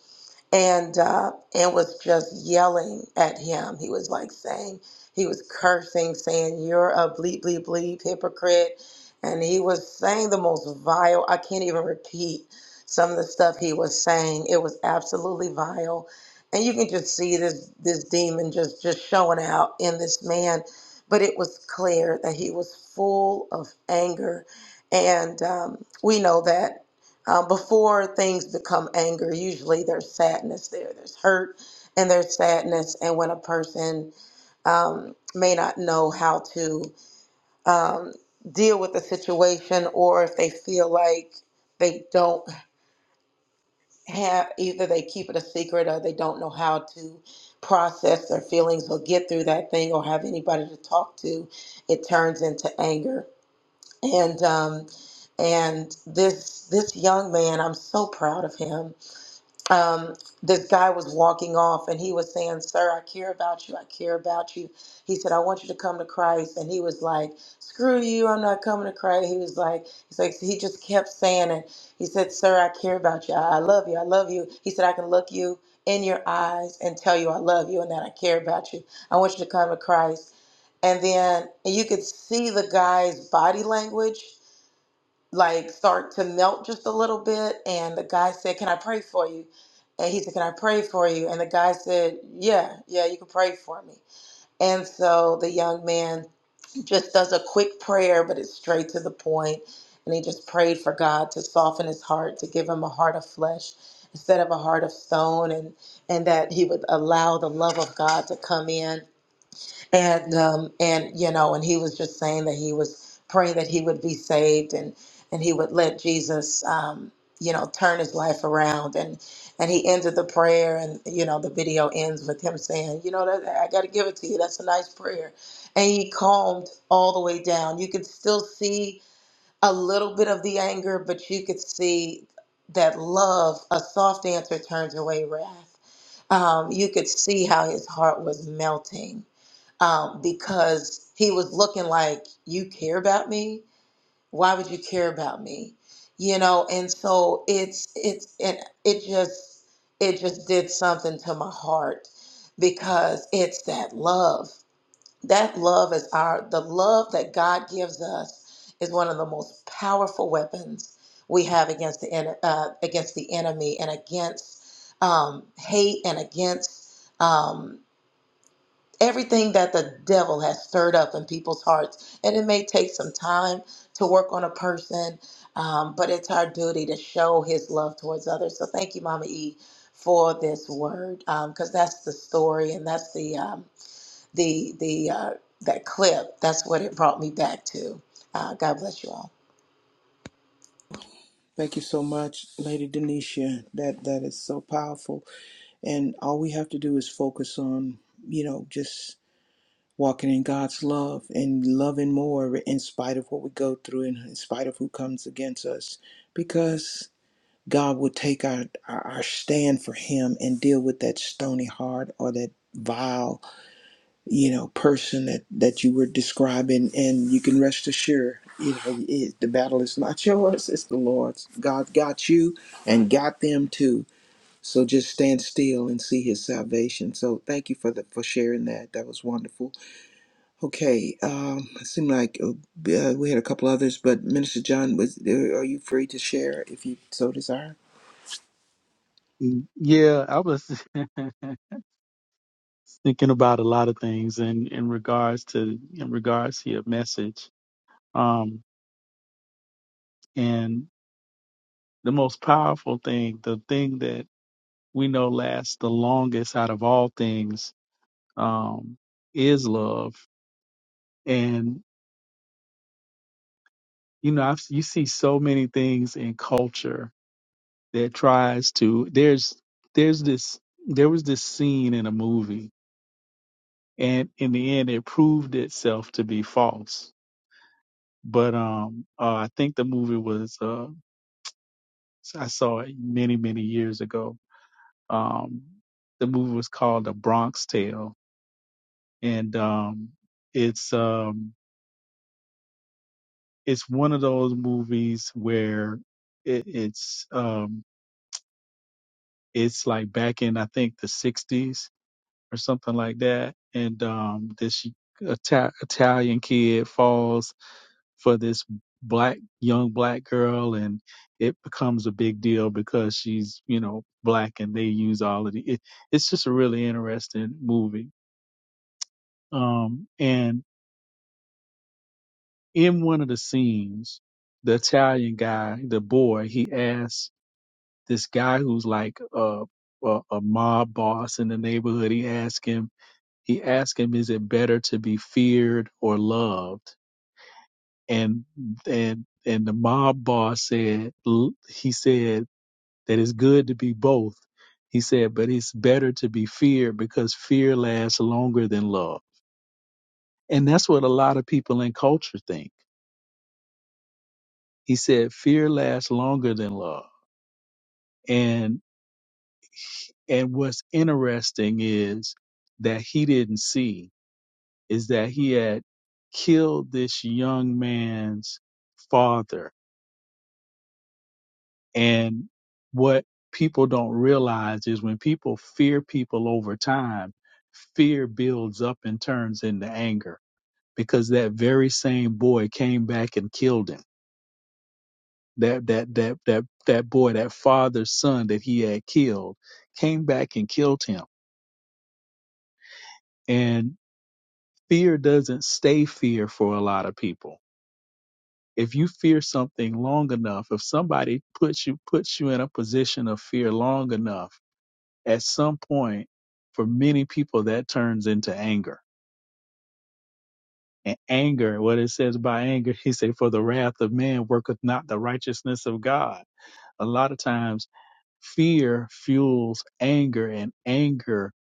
Speaker 5: and uh, and was just yelling at him. He was like saying he was cursing, saying you're a bleep bleep bleep hypocrite, and he was saying the most vile. I can't even repeat some of the stuff he was saying. It was absolutely vile, and you can just see this this demon just just showing out in this man. But it was clear that he was full of anger, and um, we know that um, before things become anger, usually there's sadness there, there's hurt, and there's sadness. And when a person um, may not know how to um, deal with the situation, or if they feel like they don't have either they keep it a secret or they don't know how to process their feelings or get through that thing or have anybody to talk to, it turns into anger. And um, and this this young man, I'm so proud of him um, this guy was walking off and he was saying, Sir, I care about you. I care about you. He said, I want you to come to Christ. And he was like, Screw you. I'm not coming to Christ. He was like, He's like, he just kept saying it. He said, Sir, I care about you. I I love you. I love you. He said, I can look you in your eyes and tell you I love you and that I care about you. I want you to come to Christ. And then you could see the guy's body language like start to melt just a little bit and the guy said can i pray for you and he said can i pray for you and the guy said yeah yeah you can pray for me and so the young man just does a quick prayer but it's straight to the point and he just prayed for god to soften his heart to give him a heart of flesh instead of a heart of stone and and that he would allow the love of god to come in and um, and you know, and he was just saying that he was praying that he would be saved and and he would let Jesus, um, you know, turn his life around. And and he ended the prayer, and you know, the video ends with him saying, you know, that I got to give it to you. That's a nice prayer. And he calmed all the way down. You could still see a little bit of the anger, but you could see that love, a soft answer turns away wrath. Um, you could see how his heart was melting um, because he was looking like, You care about me? Why would you care about me? You know, and so it's it's and it just it just did something to my heart because it's that love. That love is our the love that God gives us is one of the most powerful weapons we have against the en- uh, against the enemy and against um, hate and against um, everything that the devil has stirred up in people's hearts. And it may take some time to work on a person, um, but it's our duty to show his love towards others. So thank you, Mama E, for this word, because that's the story and that's the um, the the uh, that clip. That's what it brought me back to. Uh, God bless you all.
Speaker 4: Thank you so much, Lady Denisha. That that is so powerful. And all we have to do is focus on, you know, just walking in God's love and loving more in spite of what we go through and in spite of who comes against us because God will take our, our, our stand for Him and deal with that stony heart or that vile, you know, person that, that you were describing. And you can rest assured, you know, it, the battle is not yours, it's the Lord's. God got you and got them too. So just stand still and see His salvation. So thank you for the, for sharing that. That was wonderful. Okay, um, it seemed like uh, we had a couple others, but Minister John, was there, are you free to share if you so desire?
Speaker 3: Mm, Yeah, I was thinking about a lot of things in, in regards to in regards to your message. Um, and the most powerful thing, the thing that we know lasts the longest out of all things, um, is love. And you know, I've, you see so many things in culture that tries to there's there's this there was this scene in a movie and in the end it proved itself to be false but um uh, i think the movie was uh i saw it many many years ago um the movie was called the bronx tale and um it's um it's one of those movies where it, it's um it's like back in i think the 60s or something like that. And um, this Ita- Italian kid falls for this black young black girl, and it becomes a big deal because she's you know black, and they use all of the. It, it's just a really interesting movie. Um, and in one of the scenes, the Italian guy, the boy, he asks this guy who's like a a, a mob boss in the neighborhood. He asks him He asked him, "Is it better to be feared or loved?" And and and the mob boss said, l- he said that it's good to be both. He said, but it's better to be feared because fear lasts longer than love. And that's what a lot of people in culture think. He said, fear lasts longer than love. And and what's interesting is that he didn't see is that he had killed this young man's father And what people don't realize is when people fear people over time, fear builds up and turns into anger because that very same boy came back and killed him. That that that that that boy, that father's son that he had killed, came back and killed him. And fear doesn't stay fear for a lot of people. If you fear something long enough, if somebody puts you puts you in a position of fear long enough at some point, for many people, that turns into anger. And anger, what it says by anger, he said, for the wrath of man worketh not the righteousness of God. A lot of times, fear fuels anger, and anger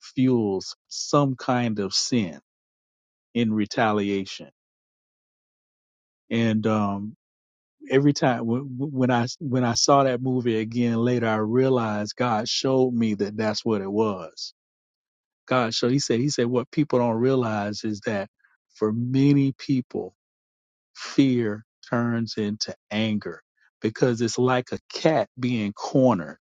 Speaker 3: fuels some kind of sin in retaliation. And um, every time when when I when I saw that movie again later, I realized God showed me that that's what it was God showed. He said, He said, what people don't realize is that for many people, fear turns into anger because it's like a cat being cornered.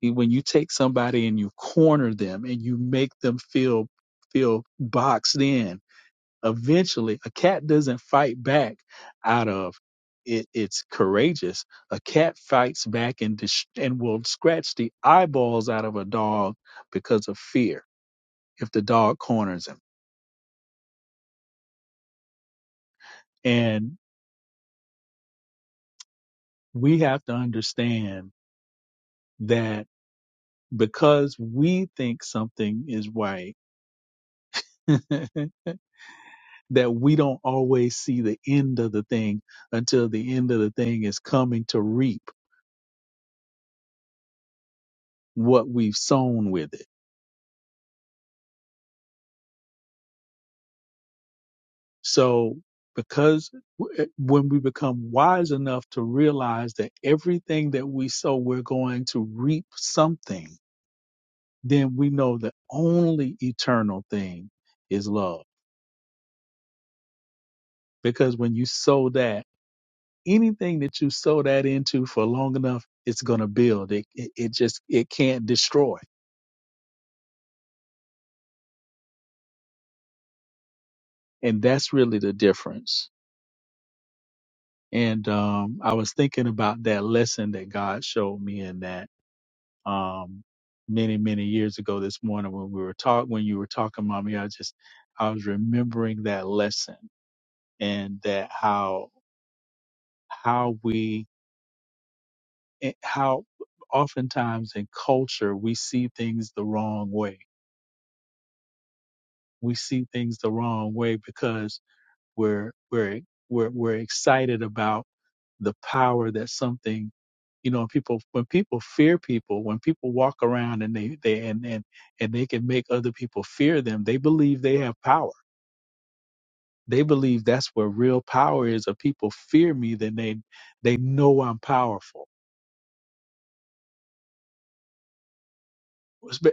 Speaker 3: You- When you take somebody and you corner them and you make them feel feel boxed in, eventually a cat doesn't fight back out of it, it's courageous. A cat fights back and dis- and will scratch the eyeballs out of a dog because of fear if the dog corners him And we have to understand that because we think something is right, that we don't always see the end of the thing until the end of the thing is coming to reap what we've sown with it. So because w- eh, when we become wise enough to realize that everything that we sow, we're going to reap something, then we know the only eternal thing is love. Because when you sow that, anything that you sow that into for long enough, it's going to build. It, it it just it can't destroy, and that's really the difference. And um, I was thinking about that lesson that God showed me in that um, many many years ago this morning when we were talk when you were talking, mommy. I just I was remembering that lesson and that how how we eh, how oftentimes in culture we see things the wrong way we see things the wrong way because We're we're we're we're excited about the power that something you know people when people fear people when people walk around and they they and and, and they can make other people fear them they believe they have power they believe that's where real power is if people fear me then they they know i'm powerful It's be-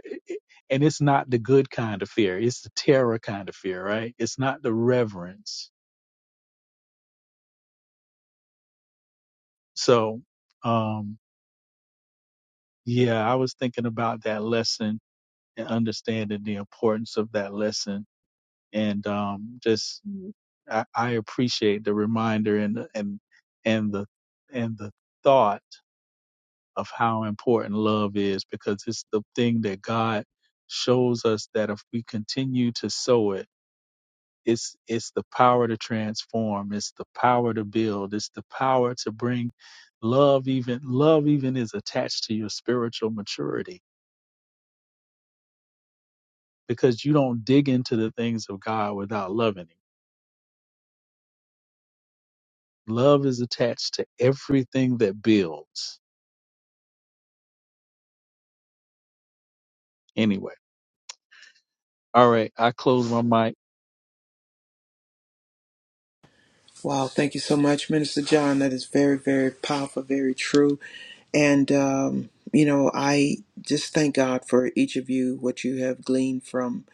Speaker 3: and it's not the good kind of fear it's the terror kind of fear right it's not the reverence so um yeah i was thinking about that lesson and understanding the importance of that lesson. And um, just I, I appreciate the reminder and and and the and the thought of how important love is because it's the thing that God shows us that if we continue to sow it, it's it's the power to transform, it's the power to build, it's the power to bring love even love even is attached to your spiritual maturity because you don't dig into the things of God without loving him Love is attached to everything that builds. Anyway, all right, I close my mic.
Speaker 4: Wow, thank you so much, Minister John. That is very, very powerful, very true. And, um, you know, I just thank God for each of you, what you have gleaned from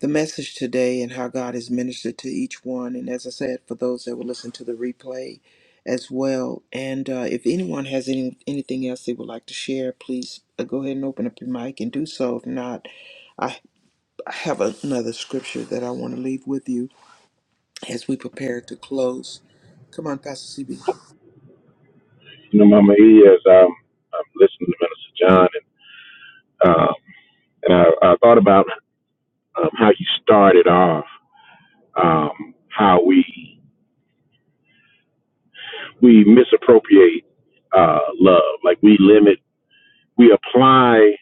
Speaker 4: the message today and how God has ministered to each one. And as I said, for those that will listen to the replay as well. And uh, if anyone has any anything else they would like to share, please uh, go ahead and open up your mic and do so. If not, I, I have another scripture that I want to leave with you as we prepare to close. Come on, Pastor CB.
Speaker 2: You know, Mama E, as I'm, I'm listening to Minister John, and. and I, I thought about um, how you started off, um, how we we misappropriate uh, love, like we limit, we apply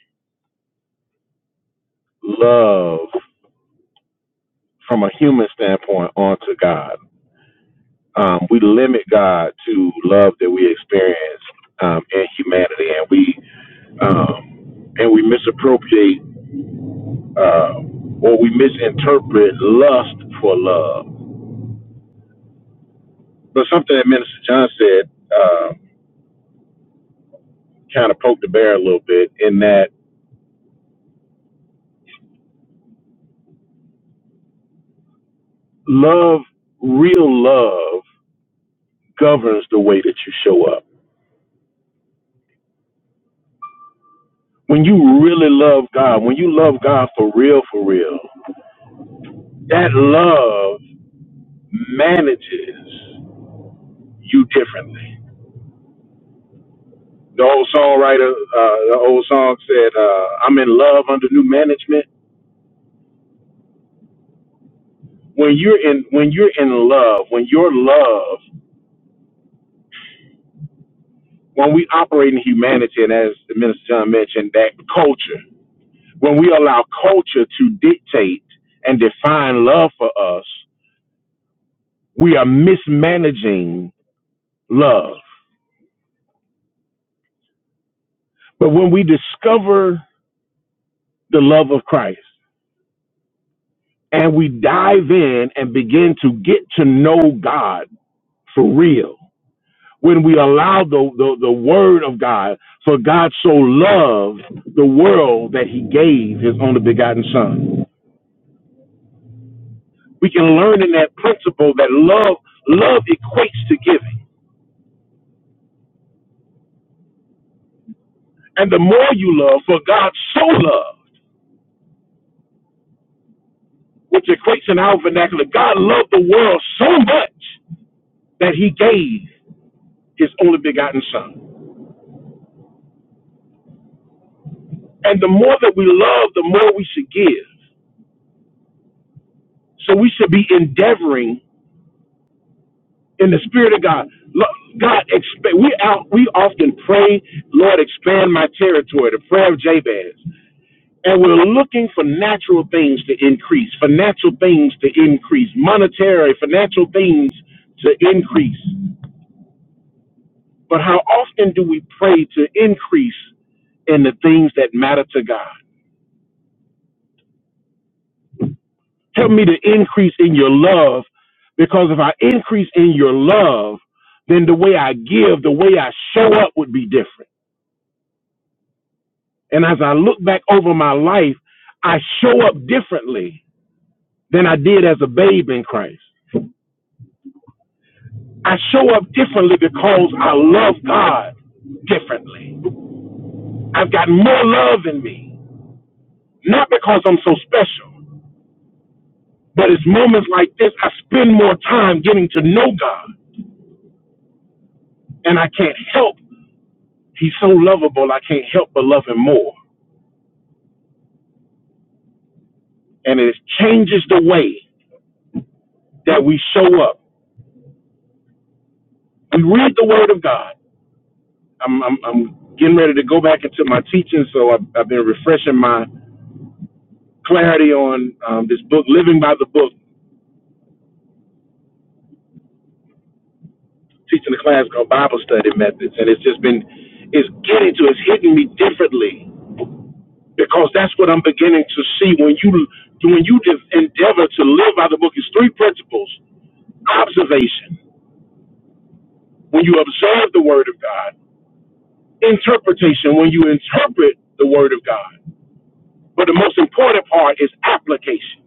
Speaker 2: love from a human standpoint onto God. Um, we limit God to love that we experience um, in humanity, and we um, and we misappropriate uh, or we misinterpret lust for love. But something that Minister John said. uh, kind of poke the bear a little bit in that love, real love, governs the way that you show up. When you really love God, when you love God for real, for real, that love manages you differently. The old songwriter, uh, the old song said, uh, "I'm in love under new management." When you're in, when you're in love, when your love, when we operate in humanity, and as the minister John mentioned, that culture When we allow culture to dictate and define love for us, we are mismanaging love. But when we discover the love of Christ and we dive in and begin to get to know God for real, when we allow the, the, the word of God, for God so loved the world that he gave his only begotten son. We can learn in that principle that love love equates to giving. And the more you love, for God so loved, which equates in our vernacular, God loved the world so much that he gave his only begotten son. And the more that we love, the more we should give. So we should be endeavoring in the spirit of God. Lo- God, expand. We out. We often pray, Lord, expand my territory. The prayer of Jabez, and we're looking for natural things to increase, for natural things to increase, monetary, financial things to increase. But how often do we pray to increase in the things that matter to God? Help me to increase in your love because if I increase in your love, then the way I give, the way I show up would be different. And as I look back over my life, I show up differently than I did as a babe in Christ. I show up differently because I love God differently. I've got more love in me, not because I'm so special. But it's moments like this I spend more time getting to know God, and I can't help. He's so lovable, I can't help but love him more. And it changes the way that we show up. We read the Word of God. I'm I'm, I'm getting ready to go back into my teaching, so I've, I've been refreshing my clarity on um, this book, Living by the Book, teaching a class called Bible Study Methods, and it's just been it's getting to it's hitting me differently because that's what I'm beginning to see when you when you de- endeavor to live by the book. It's three principles: observation when you observe the Word of God, interpretation when you interpret the Word of God, but the most important part is application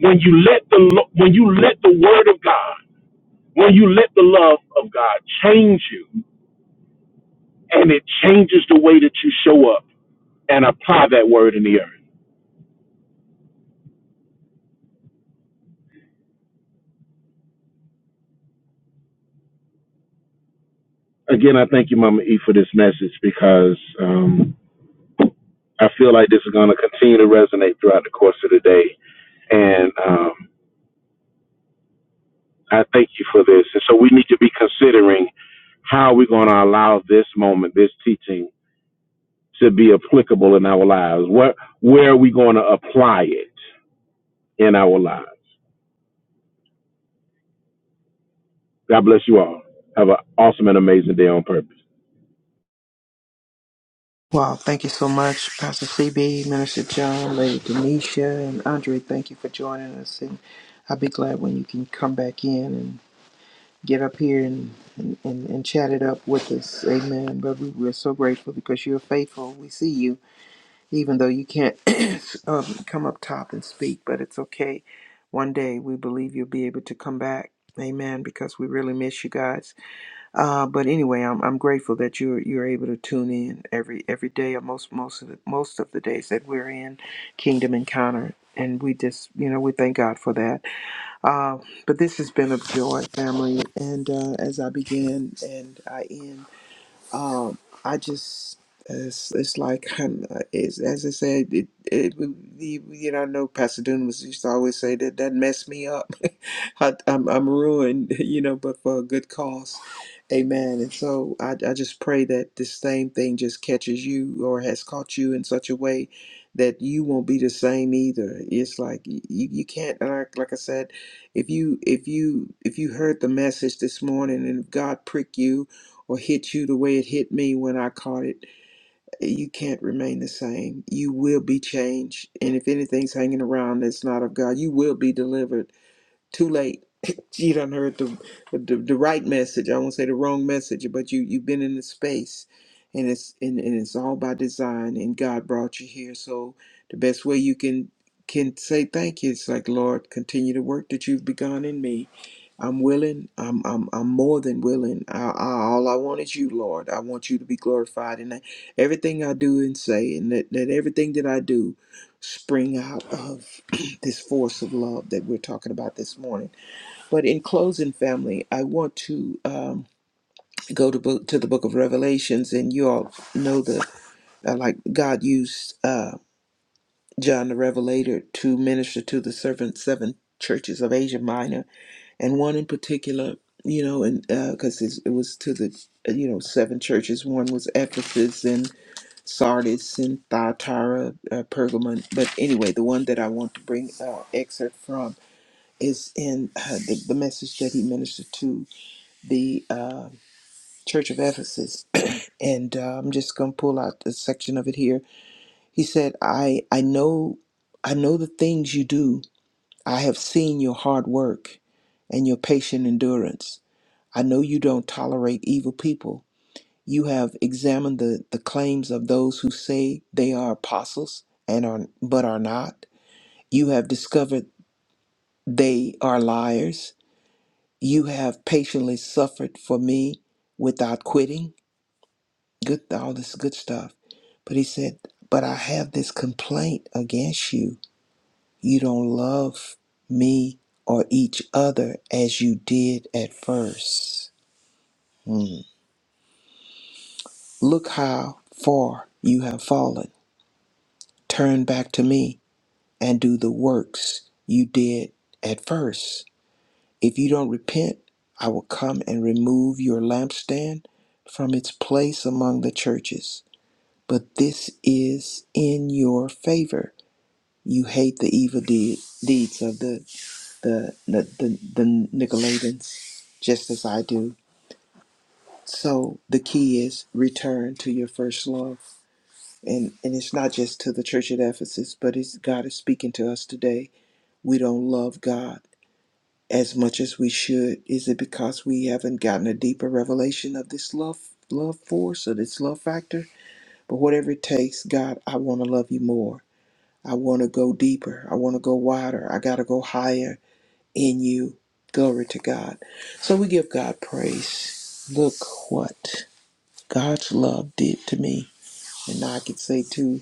Speaker 2: when you let the lo- when you let the Word of God, when you let the love of God change you, and it changes the way that you show up and apply that Word in the earth. Again, I thank you, Mama E, for this message because. Um, I feel like this is going to continue to resonate throughout the course of the day. And um, I thank you for this. And so we need to be considering how we're going to allow this moment, this teaching, to be applicable in our lives. What, where are we going to apply it in our lives? God bless you all. Have an awesome and amazing day on purpose.
Speaker 4: Wow, thank you so much, Pastor CB, Minister John, Lady Denisha, and Andre. Thank you for joining us. And I'll be glad when you can come back in get up here and, and, and, and chat it up with us. Amen, brother. We're so grateful because you're faithful. We see you, even though you can't um, come up top and speak, but it's okay. One day we believe you'll be able to come back. Amen, because we really miss you guys. Uh, but anyway, I'm, I'm grateful that you're you're able to tune in every every day or most most of the most of the days that we're in Kingdom Encounter. And we just, you know, we thank God for that uh, but this has been a joy, family. And uh, as I begin and I end, um, I just it's, it's like um, it's, as I said, it, it you, you know I know Pastor Dunamis used to always say that that messed me up. I, I'm I'm ruined, you know, but for a good cause. Amen. And so I, I just pray that this same thing just catches you or has caught you in such a way that you won't be the same either. It's like you, you can't and I, like I said, if you if you if you heard the message this morning and if God prick you or hit you the way it hit me when I caught it, you can't remain the same. You will be changed. And if anything's hanging around that's not of God, you will be delivered too late. you done heard the, the the right message. I won't say the wrong message, but you you've been in the space, and it's and, and it's all by design. And God brought you here. So the best way you can can say thank you is like Lord, continue the work that you've begun in me. I'm willing. I'm I'm I'm more than willing. I, I, all I want is you, Lord. I want you to be glorified in everything I do and say, and that, that everything that I do spring out of this force of love that we're talking about this morning. But in closing, family, I want to um, go to book, to the book of Revelations, and you all know the uh, like God used uh, John the Revelator to minister to the servant seven churches of Asia Minor, and one in particular, you know, and because it was to the uh, you know seven churches. One was Ephesus and Sardis and Thyatira, uh, Pergamon. But anyway, the one that I want to bring uh, excerpt from is in uh, the, the message that he ministered to the uh, church of ephesus and uh, i'm just going to pull out a section of it here he said i i know i know the things you do i have seen your hard work and your patient endurance i know you don't tolerate evil people you have examined the, the claims of those who say they are apostles and are but are not you have discovered they are liars You have patiently suffered for me without quitting. Good, all this good stuff. But he said, But I have this complaint against you. You don't love me or each other as you did at first. Hmm. Look how far you have fallen. Turn back to me and do the works you did at first. If you don't repent, I will come and remove your lampstand from its place among the churches. But this is in your favor. You hate the evil deed, deeds of the the, the, the the Nicolaitans, just as I do. So the key is return to your first love. And and it's not just to the church at Ephesus, but it's God is speaking to us today. We don't love God as much as we should? Is it because we haven't gotten a deeper revelation of this love love force or this love factor? But whatever it takes, God, I want to love you more. I want to go deeper. I want to go wider. I got to go higher in you. Glory to God. So we give God praise. Look what God's love did to me. And I could say too.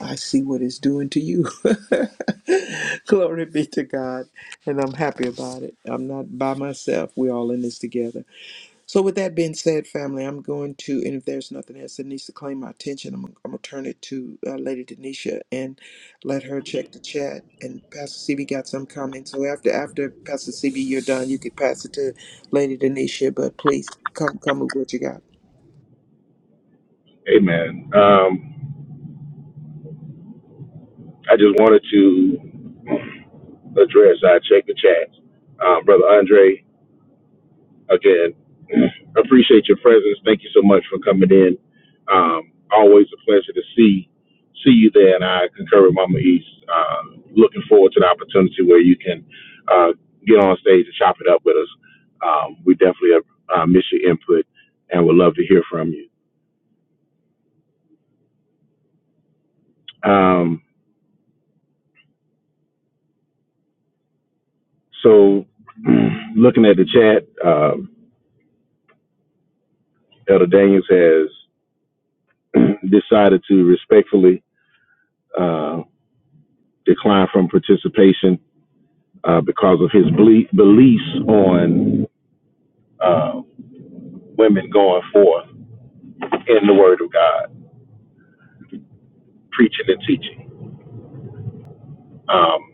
Speaker 4: I see what it's doing to you. Glory be to God. And I'm happy about it. I'm not by myself. We're all in this together. So, with that being said, family, I'm going to, and if there's nothing else that needs to claim my attention, I'm, I'm going to turn it to uh, Lady Denisha and let her check the chat. And Pastor CB got some comments. So, after after Pastor CB, you're done, you could pass it to Lady Denisha. But please come come with what you got.
Speaker 2: Amen. Um, I just wanted to address, I checked the chat. Um, Brother Andre again, appreciate your presence. Thank you so much for coming in. Um, always a pleasure to see see you there, and I concur with Mama East. Uh, looking forward to the opportunity where you can uh, get on stage and chop it up with us. Um, we definitely uh, uh, miss your input, and would love to hear from you. Um, so, looking at the chat, uh, Elder Daniels has decided to respectfully uh, decline from participation uh, because of his ble- beliefs on uh, women going forth in the Word of God, preaching and teaching. Um,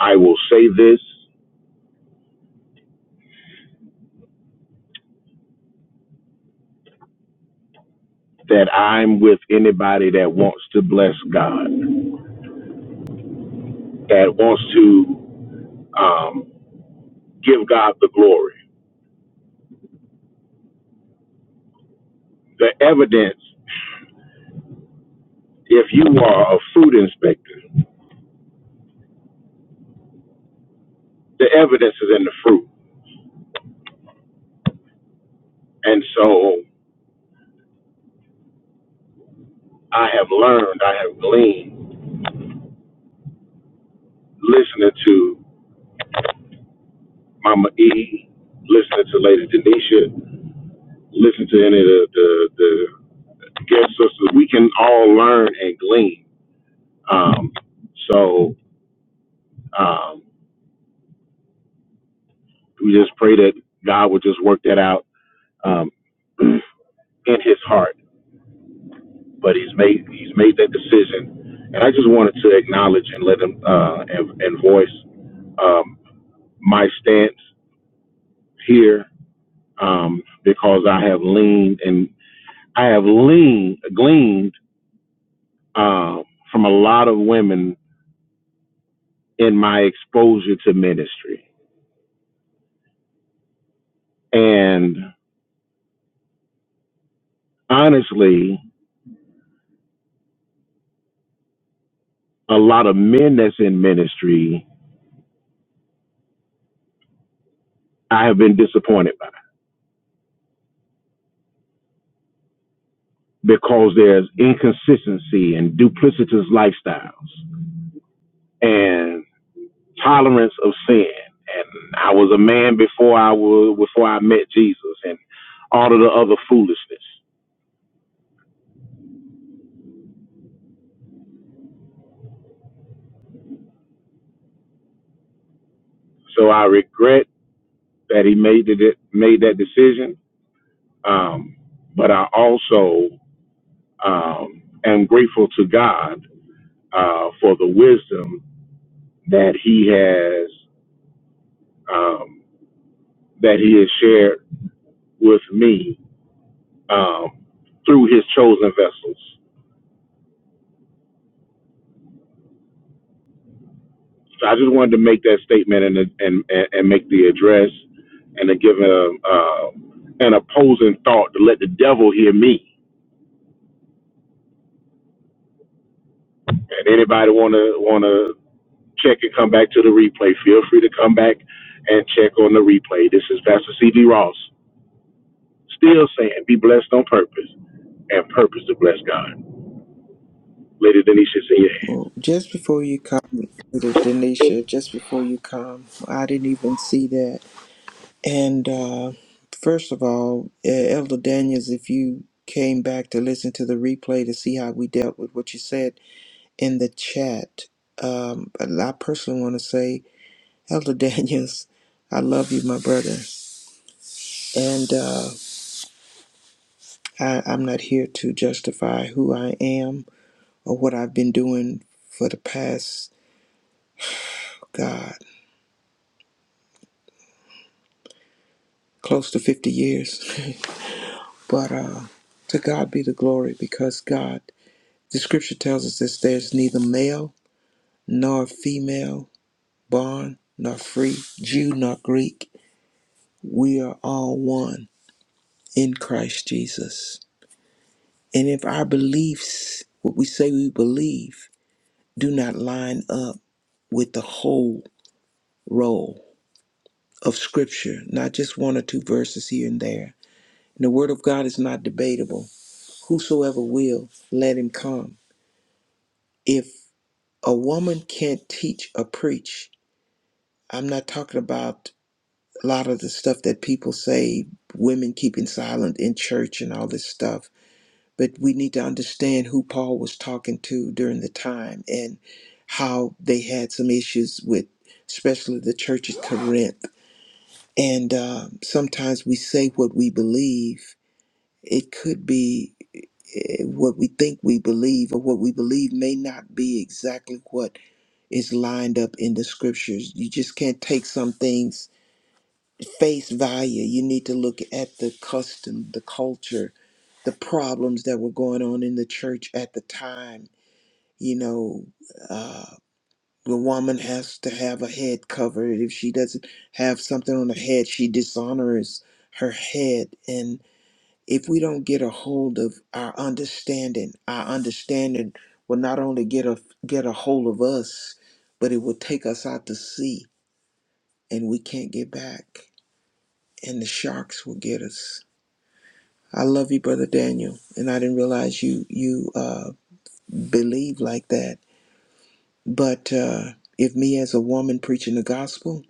Speaker 2: I will say this that I'm with anybody that wants to bless God, that wants to um, give God the glory. The evidence, if you are a fruit inspector, the evidence is in the fruit. And so I have learned, I have gleaned listening to Mama E, listening to Lady Denisha, listen to any of the, the, the guest sisters. We can all learn and glean. Um, so um, we just pray that God would just work that out um, in His heart. But He's made He's made that decision, and I just wanted to acknowledge and let Him uh, and, and voice um, my stance here um, because I have leaned and I have leaned gleaned um, from a lot of women in my exposure to ministry. And honestly, a lot of men that's in ministry, I have been disappointed by because there's inconsistency and duplicitous lifestyles and tolerance of sin. And I was a man before I was before I met Jesus and all of the other foolishness. So I regret that he made it made that decision. Um, but I also um, am grateful to God uh, for the wisdom that he has um, that he has shared with me um, through his chosen vessels. So I just wanted to make that statement and and and and make the address and to give a uh, an opposing thought to let the devil hear me. And anybody wanna wanna check and come back to the replay, feel free to come back and check on the replay. This is Pastor C D Ross, still saying, be blessed on purpose and purpose to bless God. Lady Denisha's in your
Speaker 4: Well,
Speaker 2: hands.
Speaker 4: just before you come, little Denisha, just before you come, I didn't even see that. And uh, first of all, uh, Elder Daniels, if you came back to listen to the replay to see how we dealt with what you said in the chat, um, but I personally want to say, Elder Daniels, I love you, my brother. And uh, I, I'm not here to justify who I am or what I've been doing for the past, God, close to 50 years. But uh, to God be the glory because God, the scripture tells us this there's neither male nor female, bond nor free, Jew nor Greek. We are all one in Christ Jesus. And if our beliefs, what we say we believe, do not line up with the whole role of scripture, not just one or two verses here and there, and the word of God is not debatable, whosoever will, let him come. If a woman can't teach or preach. I'm not talking about a lot of the stuff that people say, women keeping silent in church and all this stuff. But we need to understand who Paul was talking to during the time and how they had some issues with, especially the church at Corinth. And um sometimes we say what we believe. It could be eh, what we think we believe, or what we believe may not be exactly what is lined up in the scriptures. You just can't take some things face value. You need to look at the custom, the culture, the problems that were going on in the church at the time. You know, uh, the woman has to have a head covered. If she doesn't have something on her head, she dishonors her head. And if we don't get a hold of our understanding, our understanding will not only get a get a hold of us, but it will take us out to sea and we can't get back and the sharks will get us i love you brother daniel and i didn't realize you you uh believe like that but uh if me as a woman preaching the gospel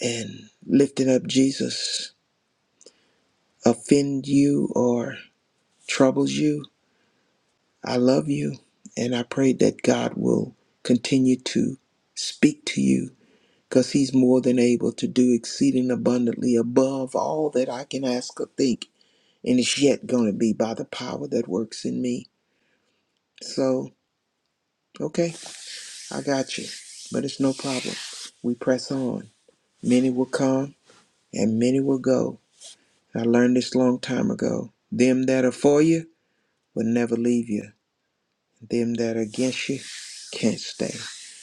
Speaker 4: and lifting up jesus offend you or troubles you i love you and i pray that god will continue to speak to you because he's more than able to do exceeding abundantly above all that i can ask or think and it's yet going to be by the power that works in me. So, okay, I got you, but it's no problem. We press on. Many will come and many will go. I learned this long time ago. Them that are for you will never leave you. Them that are against you can't stay.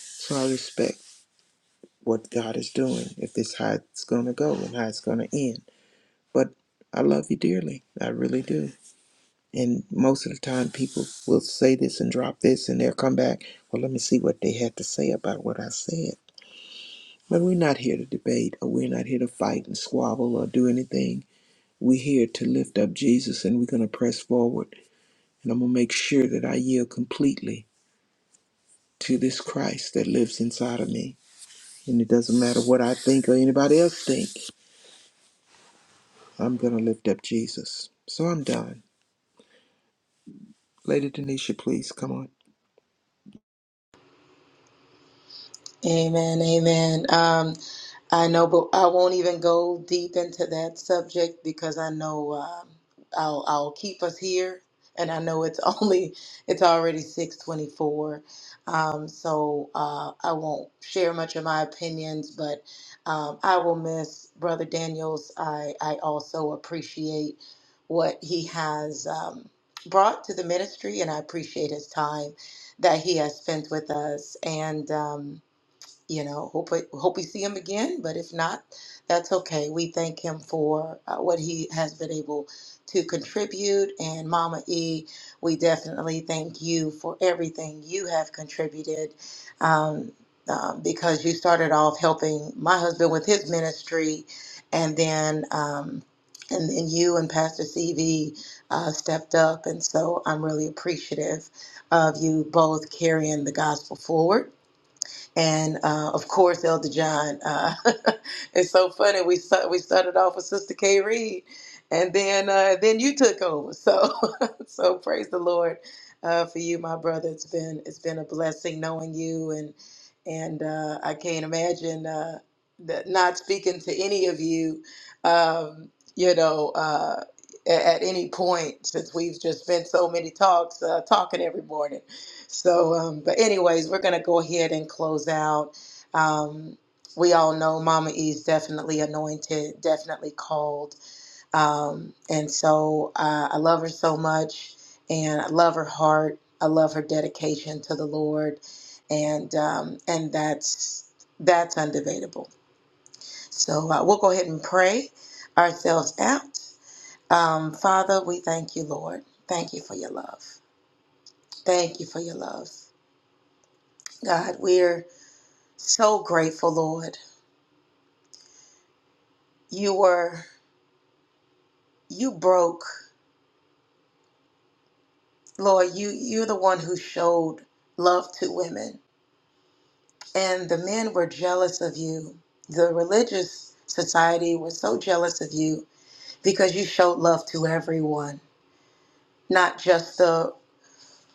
Speaker 4: So I respect what God is doing. If this how it's going to go and how it's going to end, but I love you dearly. I really do. And most of the time, people will say this and drop this, and they'll come back. Well, let me see what they had to say about what I said. But we're not here to debate, or we're not here to fight and squabble or do anything. We're here to lift up Jesus, and we're going to press forward. And I'm going to make sure that I yield completely to this Christ that lives inside of me. And it doesn't matter what I think or anybody else think. I'm going to lift up Jesus. So I'm done. Lady Denisha, please come on.
Speaker 5: Amen. Amen. Um, I know, but I won't even go deep into that subject because I know um, I'll I'll keep us here, and I know it's only it's already six twenty four, um, so uh, I won't share much of my opinions, but um, I will miss Brother Daniels. I I also appreciate what he has um, brought to the ministry, and I appreciate his time that he has spent with us, and. Um, you know, hope hope we see him again. But if not, that's okay. We thank him for uh, what he has been able to contribute. And Mama E, we definitely thank you for everything you have contributed, um, um, because you started off helping my husband with his ministry, and then. Um, and then you and Pastor CV uh, stepped up. And so I'm really appreciative of you both carrying the gospel forward and uh, of course Elder John. Uh, it's so funny. We sta- we started off with Sister K Reed, and then uh, then you took over. So so praise the Lord uh, for you, my brother. It's been it's been a blessing knowing you, and and uh, I can't imagine uh, that not speaking to any of you. Um, you know. Uh, a- at any point since we've just spent so many talks uh, talking every morning so, um, but anyways, we're gonna go ahead and close out. Um, we all know Mama E is definitely anointed, definitely called, um, and so uh, I love her so much, and I love her heart. I love her dedication to the Lord, and um, and that's that's undebatable. So uh, we'll go ahead and pray ourselves out. Um, Father, we thank you, Lord. Thank you for your love. Thank you for your love, God. We're So grateful, Lord. You were, you broke, Lord. You, you're the one who showed love to women, and the men were jealous of you. The religious society was so jealous of you because you showed love to everyone, not just the,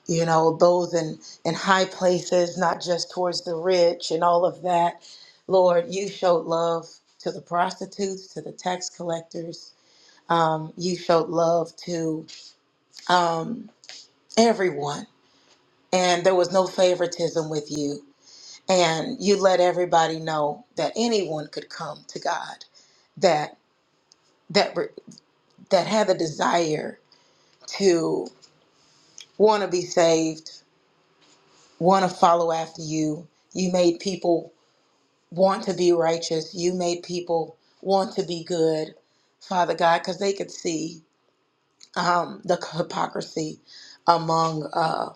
Speaker 5: you know, those in in high places, not just towards the rich and all of that. Lord, you showed love to the prostitutes, to the tax collectors. Um, you showed love to um, everyone, and there was no favoritism with you. And you let everybody know that anyone could come to God, that that re- that had the desire to want to be saved, want to follow after you. You made people want to be righteous. You made people want to be good, Father God, because they could see um, the hypocrisy among uh,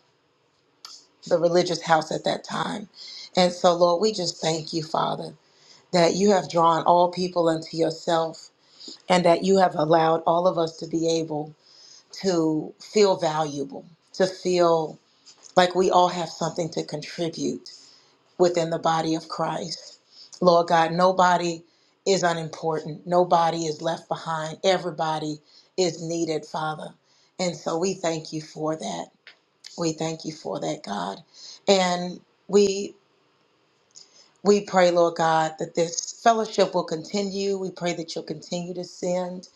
Speaker 5: the religious house at that time. And so, Lord, we just thank you, Father, that you have drawn all people unto yourself and that you have allowed all of us to be able to feel valuable, to feel like we all have something to contribute within the body of Christ. Lord God, nobody is unimportant, nobody is left behind, everybody is needed, Father. And so we thank you for that. We thank you for that, God. And we We pray, Lord God, that this fellowship will continue. We pray that you'll continue to send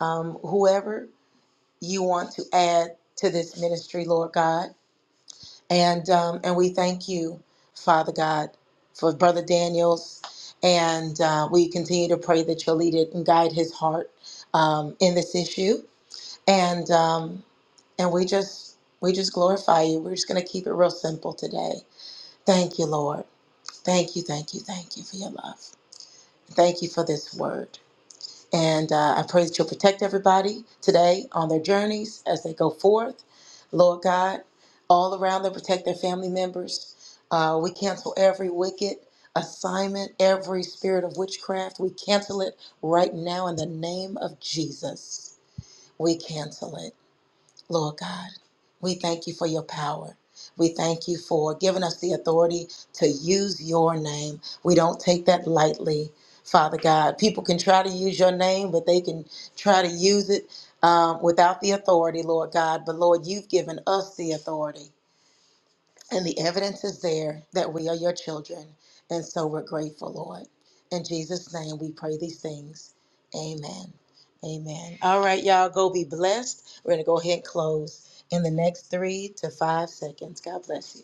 Speaker 5: um, whoever you want to add to this ministry, Lord God. And um, and we thank you, Father God, for Brother Daniel's. And uh, we continue to pray that you'll lead it and guide his heart um, in this issue. And um, and we just we just glorify you. We're just going to keep it real simple today. Thank you, Lord. Thank you, thank you, thank you for your love. Thank you for this word. And uh, I pray that you'll protect everybody today on their journeys as they go forth. Lord God, all around them, protect their family members. Uh, we cancel every wicked assignment, every spirit of witchcraft. We cancel it right now in the name of Jesus. We cancel it. Lord God, we thank you for your power. We thank you for giving us the authority to use your name. We don't take that lightly, Father God. People can try to use your name, but they can try to use it um, without the authority, Lord God. But Lord, you've given us the authority. And the evidence is there that we are your children. And so we're grateful, Lord. In Jesus' name, we pray these things. Amen. Amen. All right, y'all, go be blessed. We're going to go ahead and close in the next three to five seconds. God bless you.